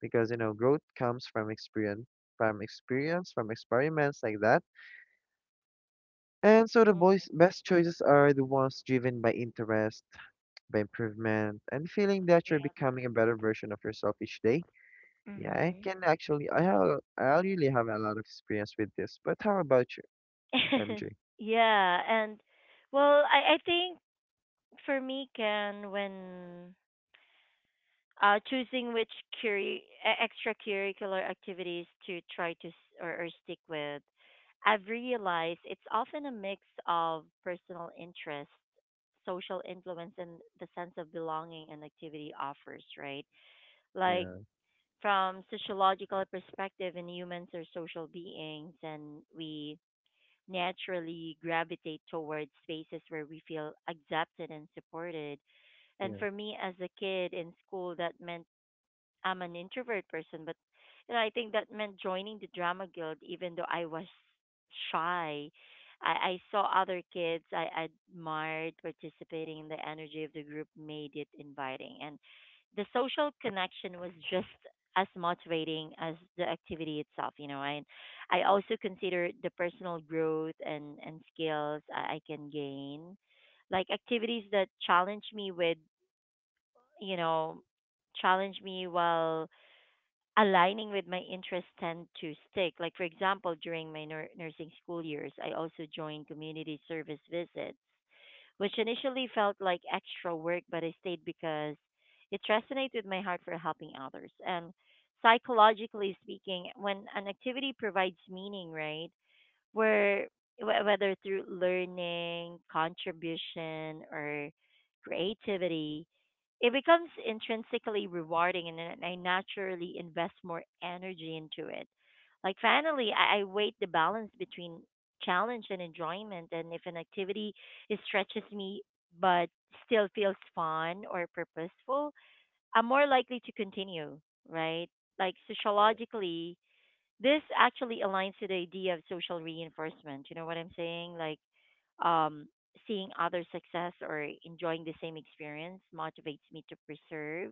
Speaker 2: Because you know growth comes from experience, from experiments like that. And so the boys
Speaker 1: mm,
Speaker 2: best choices are the ones driven by interest, by improvement and feeling that you're
Speaker 1: yeah.
Speaker 2: becoming a better version of yourself each day. Yeah, I
Speaker 1: Mhm.
Speaker 2: can actually. I have. I really have a lot of experience with this. But how about you, MJ?
Speaker 1: yeah, and well, I think for me, Ken, when choosing which curi- e- extracurricular activities to try or stick with, I've realized it's often a mix of personal interest, social influence, and the sense of belonging an activity offers, right? Like
Speaker 2: Yeah,
Speaker 1: from sociological perspective, and humans are social beings, and we naturally gravitate towards spaces where we feel accepted and supported. And
Speaker 2: yeah,
Speaker 1: for me as a kid in school, that meant I'm an introvert person, but you know, I think that meant joining the drama guild, even though I was shy. I saw other kids I admired participating, and the energy of the group made it inviting. And the social connection was just as motivating as the activity itself. I also consider the personal growth and skills I can gain, like activities that challenge me with you know challenge me while aligning with my interests tend to stick. Like, for example, during my nursing school years, I also joined community service visits, which initially felt like extra work, but I stayed because it resonated with my heart for helping others. And psychologically speaking, when an activity provides meaning, right? where Whether through learning, contribution, or creativity, it becomes intrinsically rewarding, and then I naturally invest more energy into it. Like finally, I weight the balance between challenge and enjoyment, and if an activity it stretches me but still feels fun or purposeful, I'm more likely to continue, right? Like
Speaker 2: yeah,
Speaker 1: sociologically, this actually aligns to the idea of social reinforcement. You know what I'm saying? Like um, seeing other success or enjoying the same experience motivates me to preserve.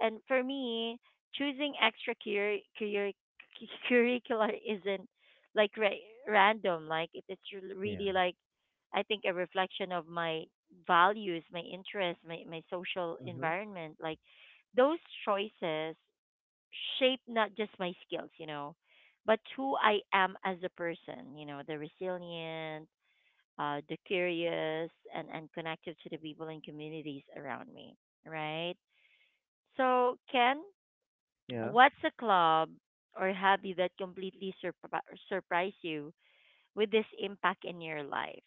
Speaker 1: And for me, choosing curricular isn't like ra- random. Like it's
Speaker 2: yeah.
Speaker 1: really like I think a reflection of my values, my interests, my social
Speaker 2: Mm-hmm.
Speaker 1: environment. Like those choices shape not just my skills, you know, but who I am as a person, you know, the resilient, the curious, and, connected to the people and communities around me, right? So, Ken,
Speaker 2: Yeah,
Speaker 1: what's a club or hobby that completely surprised you with this impact in your life?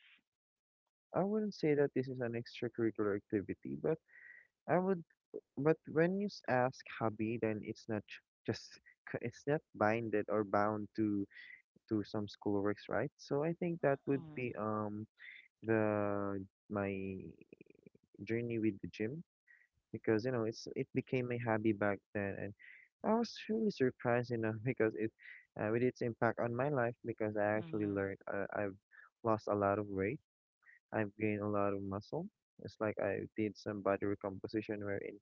Speaker 2: I wouldn't say that this is an extracurricular activity, but I would. But when you ask hobby, then it's not j- just c- it's not binded or bound to some schoolworks, right? So I think that would
Speaker 1: Mm,
Speaker 2: be the my journey with the gym. Because you know it became a hobby back then, and I was really surprised, you know, because it with its impact on my life because I actually learned I've lost a lot of weight, I've gained a lot of muscle. It's like I did some body recomposition wherein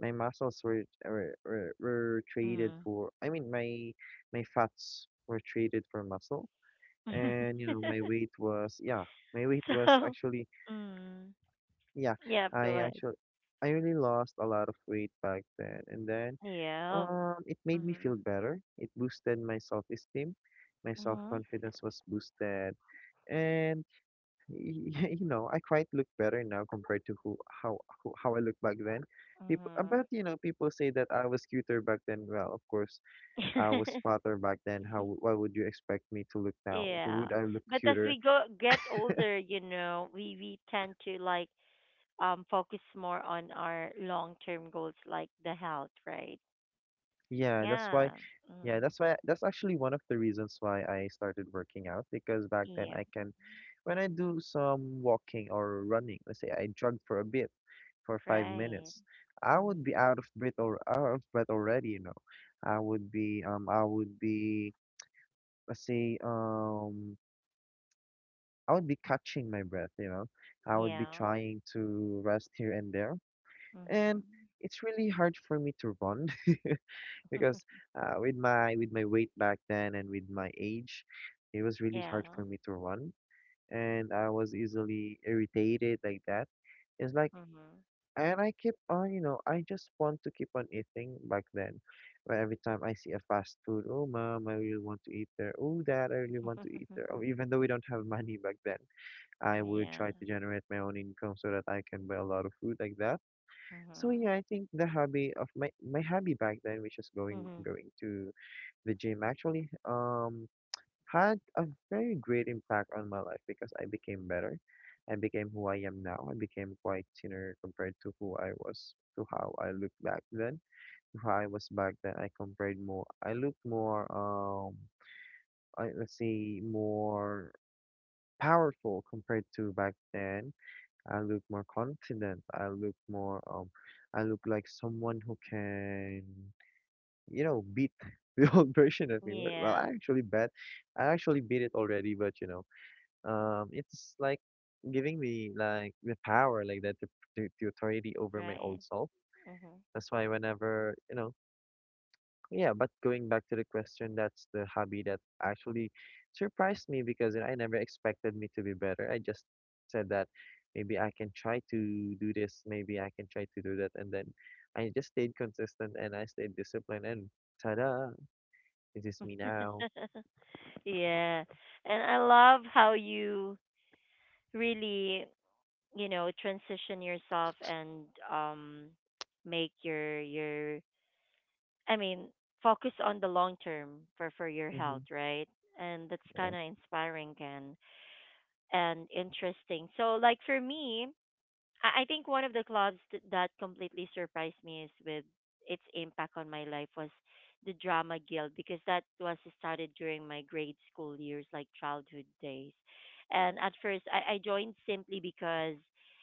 Speaker 2: my muscles were
Speaker 1: mm,
Speaker 2: traded
Speaker 1: mm.
Speaker 2: for I mean my my fats were traded for muscle, and you know my weight was
Speaker 1: So,
Speaker 2: actually,
Speaker 1: mm,
Speaker 2: yeah,
Speaker 1: yeah, go
Speaker 2: I
Speaker 1: ahead.
Speaker 2: actually, I really lost a lot of weight back then, and then
Speaker 1: Yeah.
Speaker 2: it made me feel better. It boosted my self-esteem. My
Speaker 1: Mm-hmm.
Speaker 2: self-confidence was boosted, and you know, I quite look better now compared to who, how I looked back then. People but
Speaker 1: Mhm.
Speaker 2: you know, people say that I was cuter back then. Well, of course, I was fatter back then. How why would you expect me to look now?
Speaker 1: Yeah.
Speaker 2: Would I look
Speaker 1: But as
Speaker 2: cuter?
Speaker 1: we go get older, you know, we tend to like focus more on our long-term goals like the health, right?
Speaker 2: Yeah, that's why.
Speaker 1: Yeah.
Speaker 2: Yeah,
Speaker 1: Mm.
Speaker 2: that's why. That's actually one of the reasons why I started working out because back then
Speaker 1: Yeah.
Speaker 2: I can, when I do some walking or running, let's say I jogged for a bit for five
Speaker 1: Right.
Speaker 2: minutes, I would be
Speaker 1: Mm.
Speaker 2: out of breath already. You know, I would be I would be, let's say, I would be catching my breath. You know, I would be
Speaker 1: Yeah.
Speaker 2: trying to rest here and there, and
Speaker 1: Mhm.
Speaker 2: it's really hard for me to run because with my weight back then and with my age, it was really
Speaker 1: Yeah.
Speaker 2: hard for me to run, and I was easily irritated like that. It's like,
Speaker 1: Mhm.
Speaker 2: and I keep on, you know, I just want to keep on eating back then. But every time I see a fast food, oh mom, I really want to eat there. Oh dad, I really want to eat there. Oh, even though we don't have money back then, I would
Speaker 1: Yeah.
Speaker 2: try to generate my own income so that I can buy a lot of food like that. So
Speaker 1: Mhm.
Speaker 2: yeah, I think the hobby of my hobby back then, which is
Speaker 1: Mhm.
Speaker 2: going to the gym actually had a very great impact on my life because I became better. I became who I am now. I became quite thinner compared to who I was, to how I looked back then, to how I was back then. I compared more. I looked more I, let's say, more powerful compared to back then. I look more confident. I look more I look like someone who can beat the old version of me. Well,
Speaker 1: Yeah.
Speaker 2: I actually bet, I actually beat it already, but it's like giving me like the power, like that, the authority over my old
Speaker 1: Right.
Speaker 2: self.
Speaker 1: Mhm.
Speaker 2: That's why whenever, you know, yeah. But going back to the question, that's the hobby that actually surprised me because I never expected me to be better. I just said that maybe I can try to do this, maybe I can try to do that, and then I just stayed consistent and I stayed disciplined, and ta-da! Is this me now?
Speaker 1: Yeah. And I love how you really, you know, transition yourself and um make your I mean, focus on the long term for your
Speaker 2: Mm-hmm.
Speaker 1: health, right? And that's
Speaker 2: Yeah.
Speaker 1: kind of inspiring and interesting. So like for me, I think one of the clubs that completely surprised me is with its impact on my life was the drama guild because that was started during my grade school years, like childhood days. And at first, I joined simply because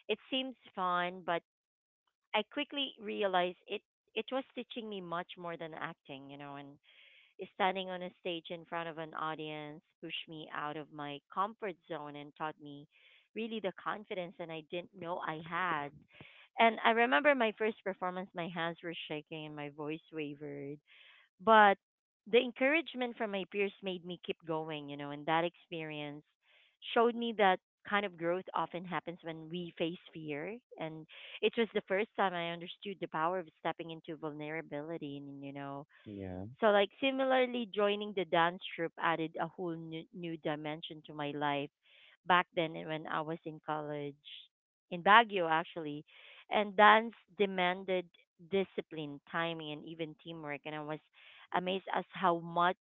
Speaker 1: it seems fun, but I quickly realized it was teaching me much more than acting, you know, and standing on a stage in front of an audience pushed me out of my comfort zone and taught me really the confidence and I didn't know I had. And I remember my first performance, my hands were shaking and my voice wavered. But the encouragement from my peers made me keep going, you know, and that experience showed me that kind of growth often happens when we face fear. And it was the first time I understood the power of stepping into vulnerability and, you know,
Speaker 2: Yeah.
Speaker 1: so like similarly, joining the dance troupe added a whole new, new dimension to my life back then when I was in college in Baguio actually. And dance demanded discipline, timing and even teamwork and I was amazed as how much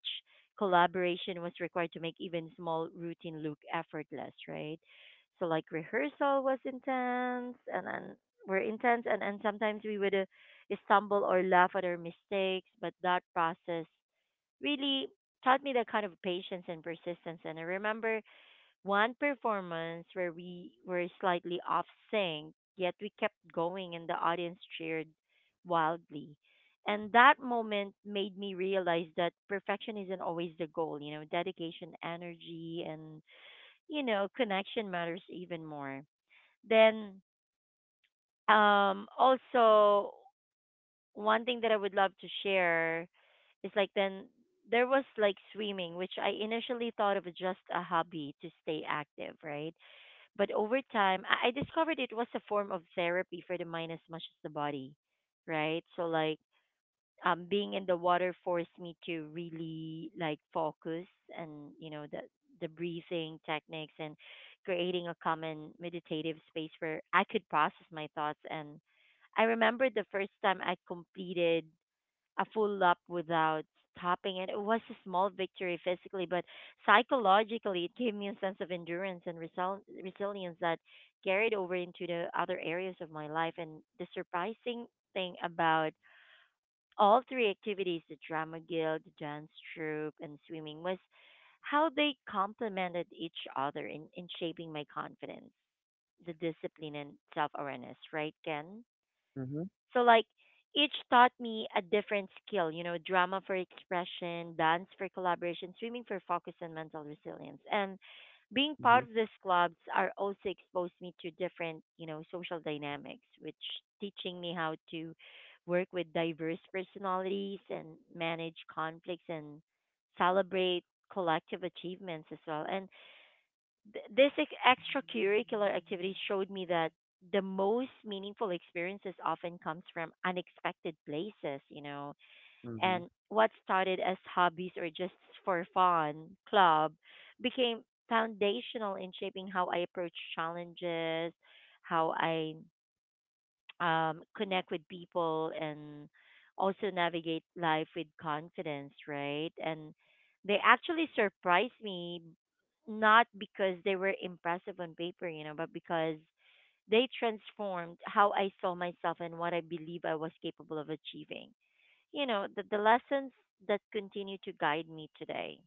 Speaker 1: collaboration was required to make even small routine look effortless, right? So like rehearsal was intense and then we're intense and sometimes we would stumble or laugh at our mistakes, but that process really taught me the kind of patience and persistence. And I remember one performance where we were slightly off sync, yet we kept going and the audience cheered wildly. And that moment made me realize that perfection isn't always the goal, you know, dedication, energy, and, you know, connection matters even more. Then also one thing that I would love to share is like then there was like swimming, which I initially thought of as just a hobby to stay active, right? But over time, I discovered it was a form of therapy for the mind as much as the body, right? So like being in the water forced me to really like focus and you know the breathing techniques and creating a common meditative space where I could process my thoughts and I remember the first time I completed a full lap without stopping. And it was a small victory physically, but psychologically, it gave me a sense of endurance and resilience that carried over into the other areas of my life. And the surprising thing about all three activities the drama guild, the dance troupe, and swimming was how they complemented each other in shaping my confidence, the discipline, and self awareness, right, Ken?
Speaker 2: Mm-hmm.
Speaker 1: So like each taught me a different skill, you know, drama for expression, dance for collaboration, swimming for focus and mental resilience. And being
Speaker 2: Mm-hmm.
Speaker 1: part of these clubs are also exposed me to different, you know, social dynamics, which teaching me how to work with diverse personalities and manage conflicts and celebrate collective achievements as well. And this extracurricular activity showed me that the most meaningful experiences often comes from unexpected places, you know,
Speaker 2: Mm-hmm.
Speaker 1: and what started as hobbies or just for fun club became foundational in shaping how I approach challenges, how I connect with people and also navigate life with confidence, right? And they actually surprised me not because they were impressive on paper, you know, but because they transformed how I saw myself and what I believe I was capable of achieving. You know, the lessons that continue to guide me today.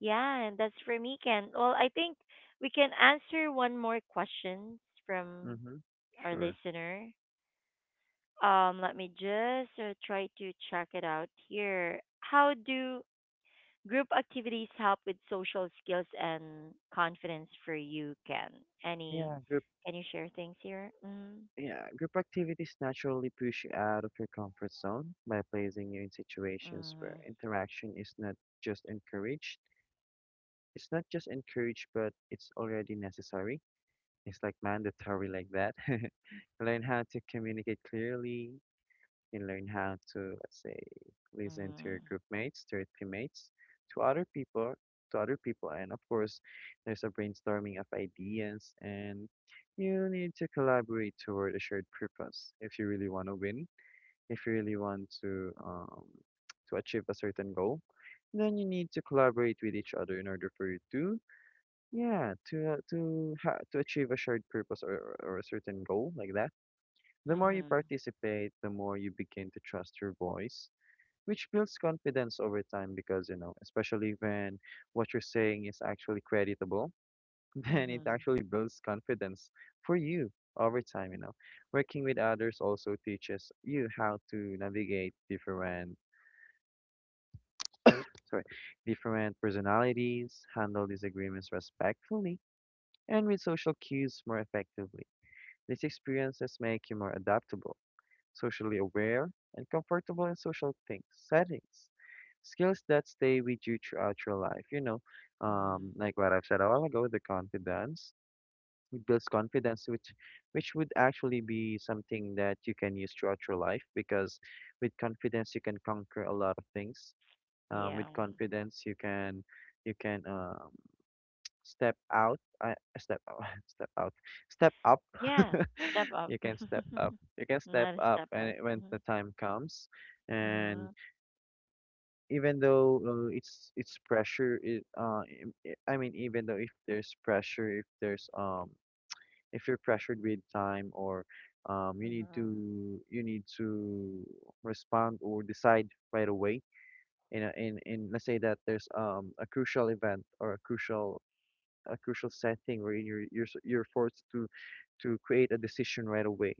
Speaker 1: Yeah, and that's for me, Ken. Well, I think we can answer one more question from
Speaker 2: Mm-hmm.
Speaker 1: our
Speaker 2: Sure.
Speaker 1: listener. Let me just try to check it out here. How do group activities help with social skills and confidence for you, Ken? Any,
Speaker 2: Yeah. Group.
Speaker 1: can you share things here? Mm,
Speaker 2: Yeah, group activities naturally push you out of your comfort zone by placing you in situations where
Speaker 1: mm,
Speaker 2: interaction is not just encouraged. It's not just encouraged, but it's already necessary. It's like mandatory like that. Learn how to communicate clearly. You learn how to, let's say, listen to
Speaker 1: mm,
Speaker 2: your group mates, to your teammates, to other people, to other people, and of course, there's a brainstorming of ideas, and you need to collaborate toward a shared purpose if you really want to win, if you really want to, to achieve a certain goal. Then you need to collaborate with each other in order for you to, yeah, to to achieve a shared purpose or a certain goal like that. The more you
Speaker 1: mm,
Speaker 2: participate, the more you begin to trust your voice, which builds confidence over time because, you know, especially when what you're saying is actually creditable, then it
Speaker 1: mm,
Speaker 2: actually builds confidence for you over time, you know. Working with others also teaches you how to navigate different, oh, sorry, different personalities, handle disagreements respectfully, and read social cues more effectively. These experiences make you more adaptable, socially aware, and comfortable in social things, settings. Skills that stay with you throughout your life. You know,
Speaker 1: mm.
Speaker 2: like what I've said a while ago, the confidence. It builds confidence, which would actually be something that you can use throughout your life because with confidence you can conquer a lot of things.
Speaker 1: Yeah,
Speaker 2: With confidence you can step out I Step out step out step up!
Speaker 1: yeah. Step up,
Speaker 2: You can step up you can Step
Speaker 1: not a
Speaker 2: up,
Speaker 1: step
Speaker 2: and
Speaker 1: out.
Speaker 2: it, when the
Speaker 1: Mhm,
Speaker 2: time comes and
Speaker 1: mhm,
Speaker 2: even though it's pressure it im- I mean, even though if there's pressure, if there's if you're pressured with time or you need to,
Speaker 1: mhm.
Speaker 2: you need to respond or decide right away in a, in let's say that there's a crucial event or a crucial, a crucial setting where you're forced to create a decision right away.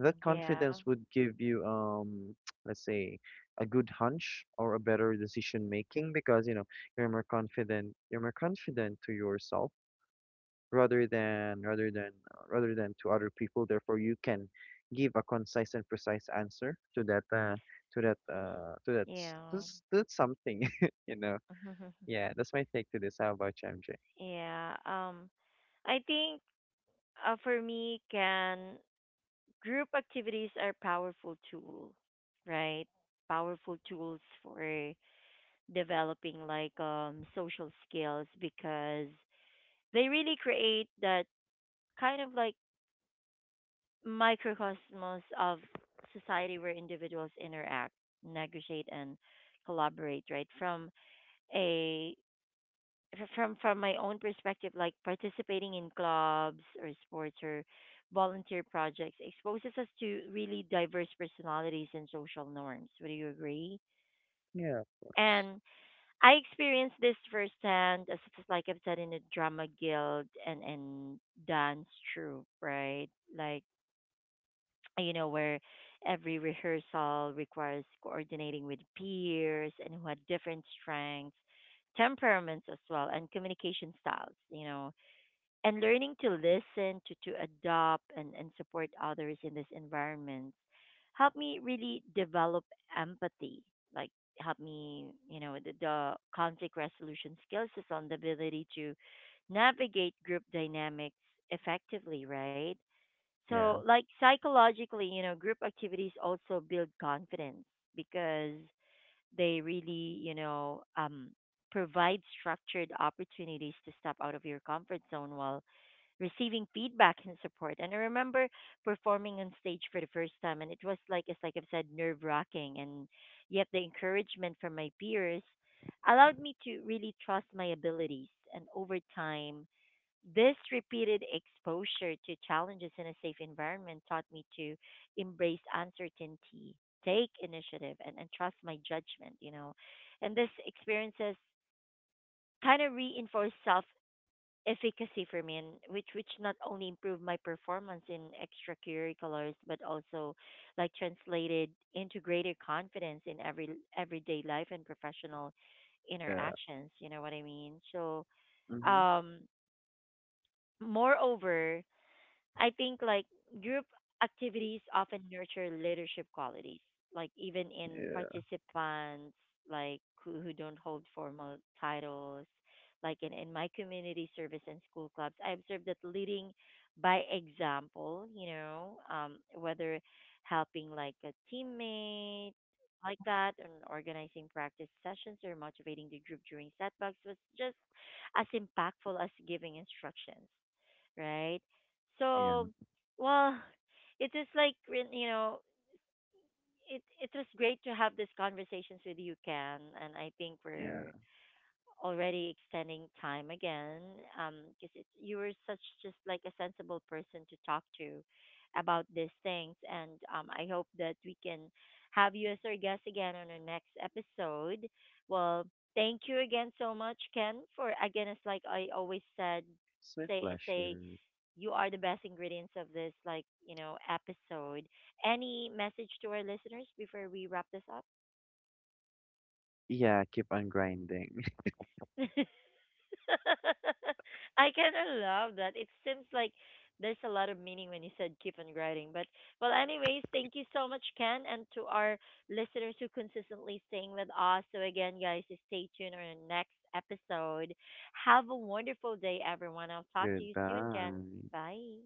Speaker 2: That
Speaker 1: Yeah,
Speaker 2: confidence would give you let's say a good hunch or a better decision making because you know you're more confident to yourself rather than rather than to other people, therefore you can give a concise and precise answer to that to that to
Speaker 1: yeah,
Speaker 2: that's something you know. Yeah, that's my take to this. How about you, MJ?
Speaker 1: yeah. I think for me, can group activities are powerful tool, right? Powerful tools for developing like social skills because they really create that kind of like microcosmos of society where individuals interact, negotiate, and collaborate, right? From a from my own perspective, like participating in clubs or sports or volunteer projects exposes us to really diverse personalities and social norms. Would you agree?
Speaker 2: Yeah, of course.
Speaker 1: And I experienced this firsthand, as just like I've said in the drama guild and dance troupe, right? Like you know where every rehearsal requires coordinating with peers and who had different strengths temperaments as well and communication styles you know and learning to listen, to adopt and, support others in this environment helped me really develop empathy. Like help me, you know, the conflict resolution skills is on the ability to navigate group dynamics effectively, right?
Speaker 2: Yeah.
Speaker 1: So like psychologically, you know, group activities also build confidence because they really, you know, provide structured opportunities to step out of your comfort zone while receiving feedback and support. And I remember performing on stage for the first time, and it was like, as like I've said, nerve wracking. And yet, the encouragement from my peers allowed me to really trust my abilities. And over time, this repeated exposure to challenges in a safe environment taught me to embrace uncertainty, take initiative, and, trust my judgment, you know. And these experiences kind of reinforced self efficacy for me and which not only improved my performance in extracurriculars but also like translated into greater confidence in everyday life and professional
Speaker 2: Yeah.
Speaker 1: interactions you know what I mean so
Speaker 2: Mm-hmm.
Speaker 1: um moreover I think like group activities often nurture leadership qualities, like even in
Speaker 2: Yeah.
Speaker 1: participants like who don't hold formal titles. Like in my community service and school clubs, I observed that leading by example, you know, whether helping like a teammate like that and organizing practice sessions or motivating the group during setbacks was just as impactful as giving instructions right?
Speaker 2: Yeah.
Speaker 1: So, well, it is like you know, it was great to have these conversations with you, Ken, and I think
Speaker 2: Yeah.
Speaker 1: we're already extending time again um because you were such just like a sensible person to talk to about these things and I hope that we can have you as our guest again on our next episode well thank you again so much Ken for again it's like I always said
Speaker 2: It's my
Speaker 1: say
Speaker 2: pleasure.
Speaker 1: you are the best ingredients of this like you know episode. Any message to our listeners before we wrap this up?
Speaker 2: Yeah, keep on grinding.
Speaker 1: I kind of love that. It seems like there's a lot of meaning when you said keep on grinding. But well, anyways, thank you so much, Ken, and to our listeners who consistently staying with us. So again, guys, stay tuned on our next episode. Have a wonderful day, everyone. I'll talk to you soon, Ken.
Speaker 2: Goodbye.
Speaker 1: Bye.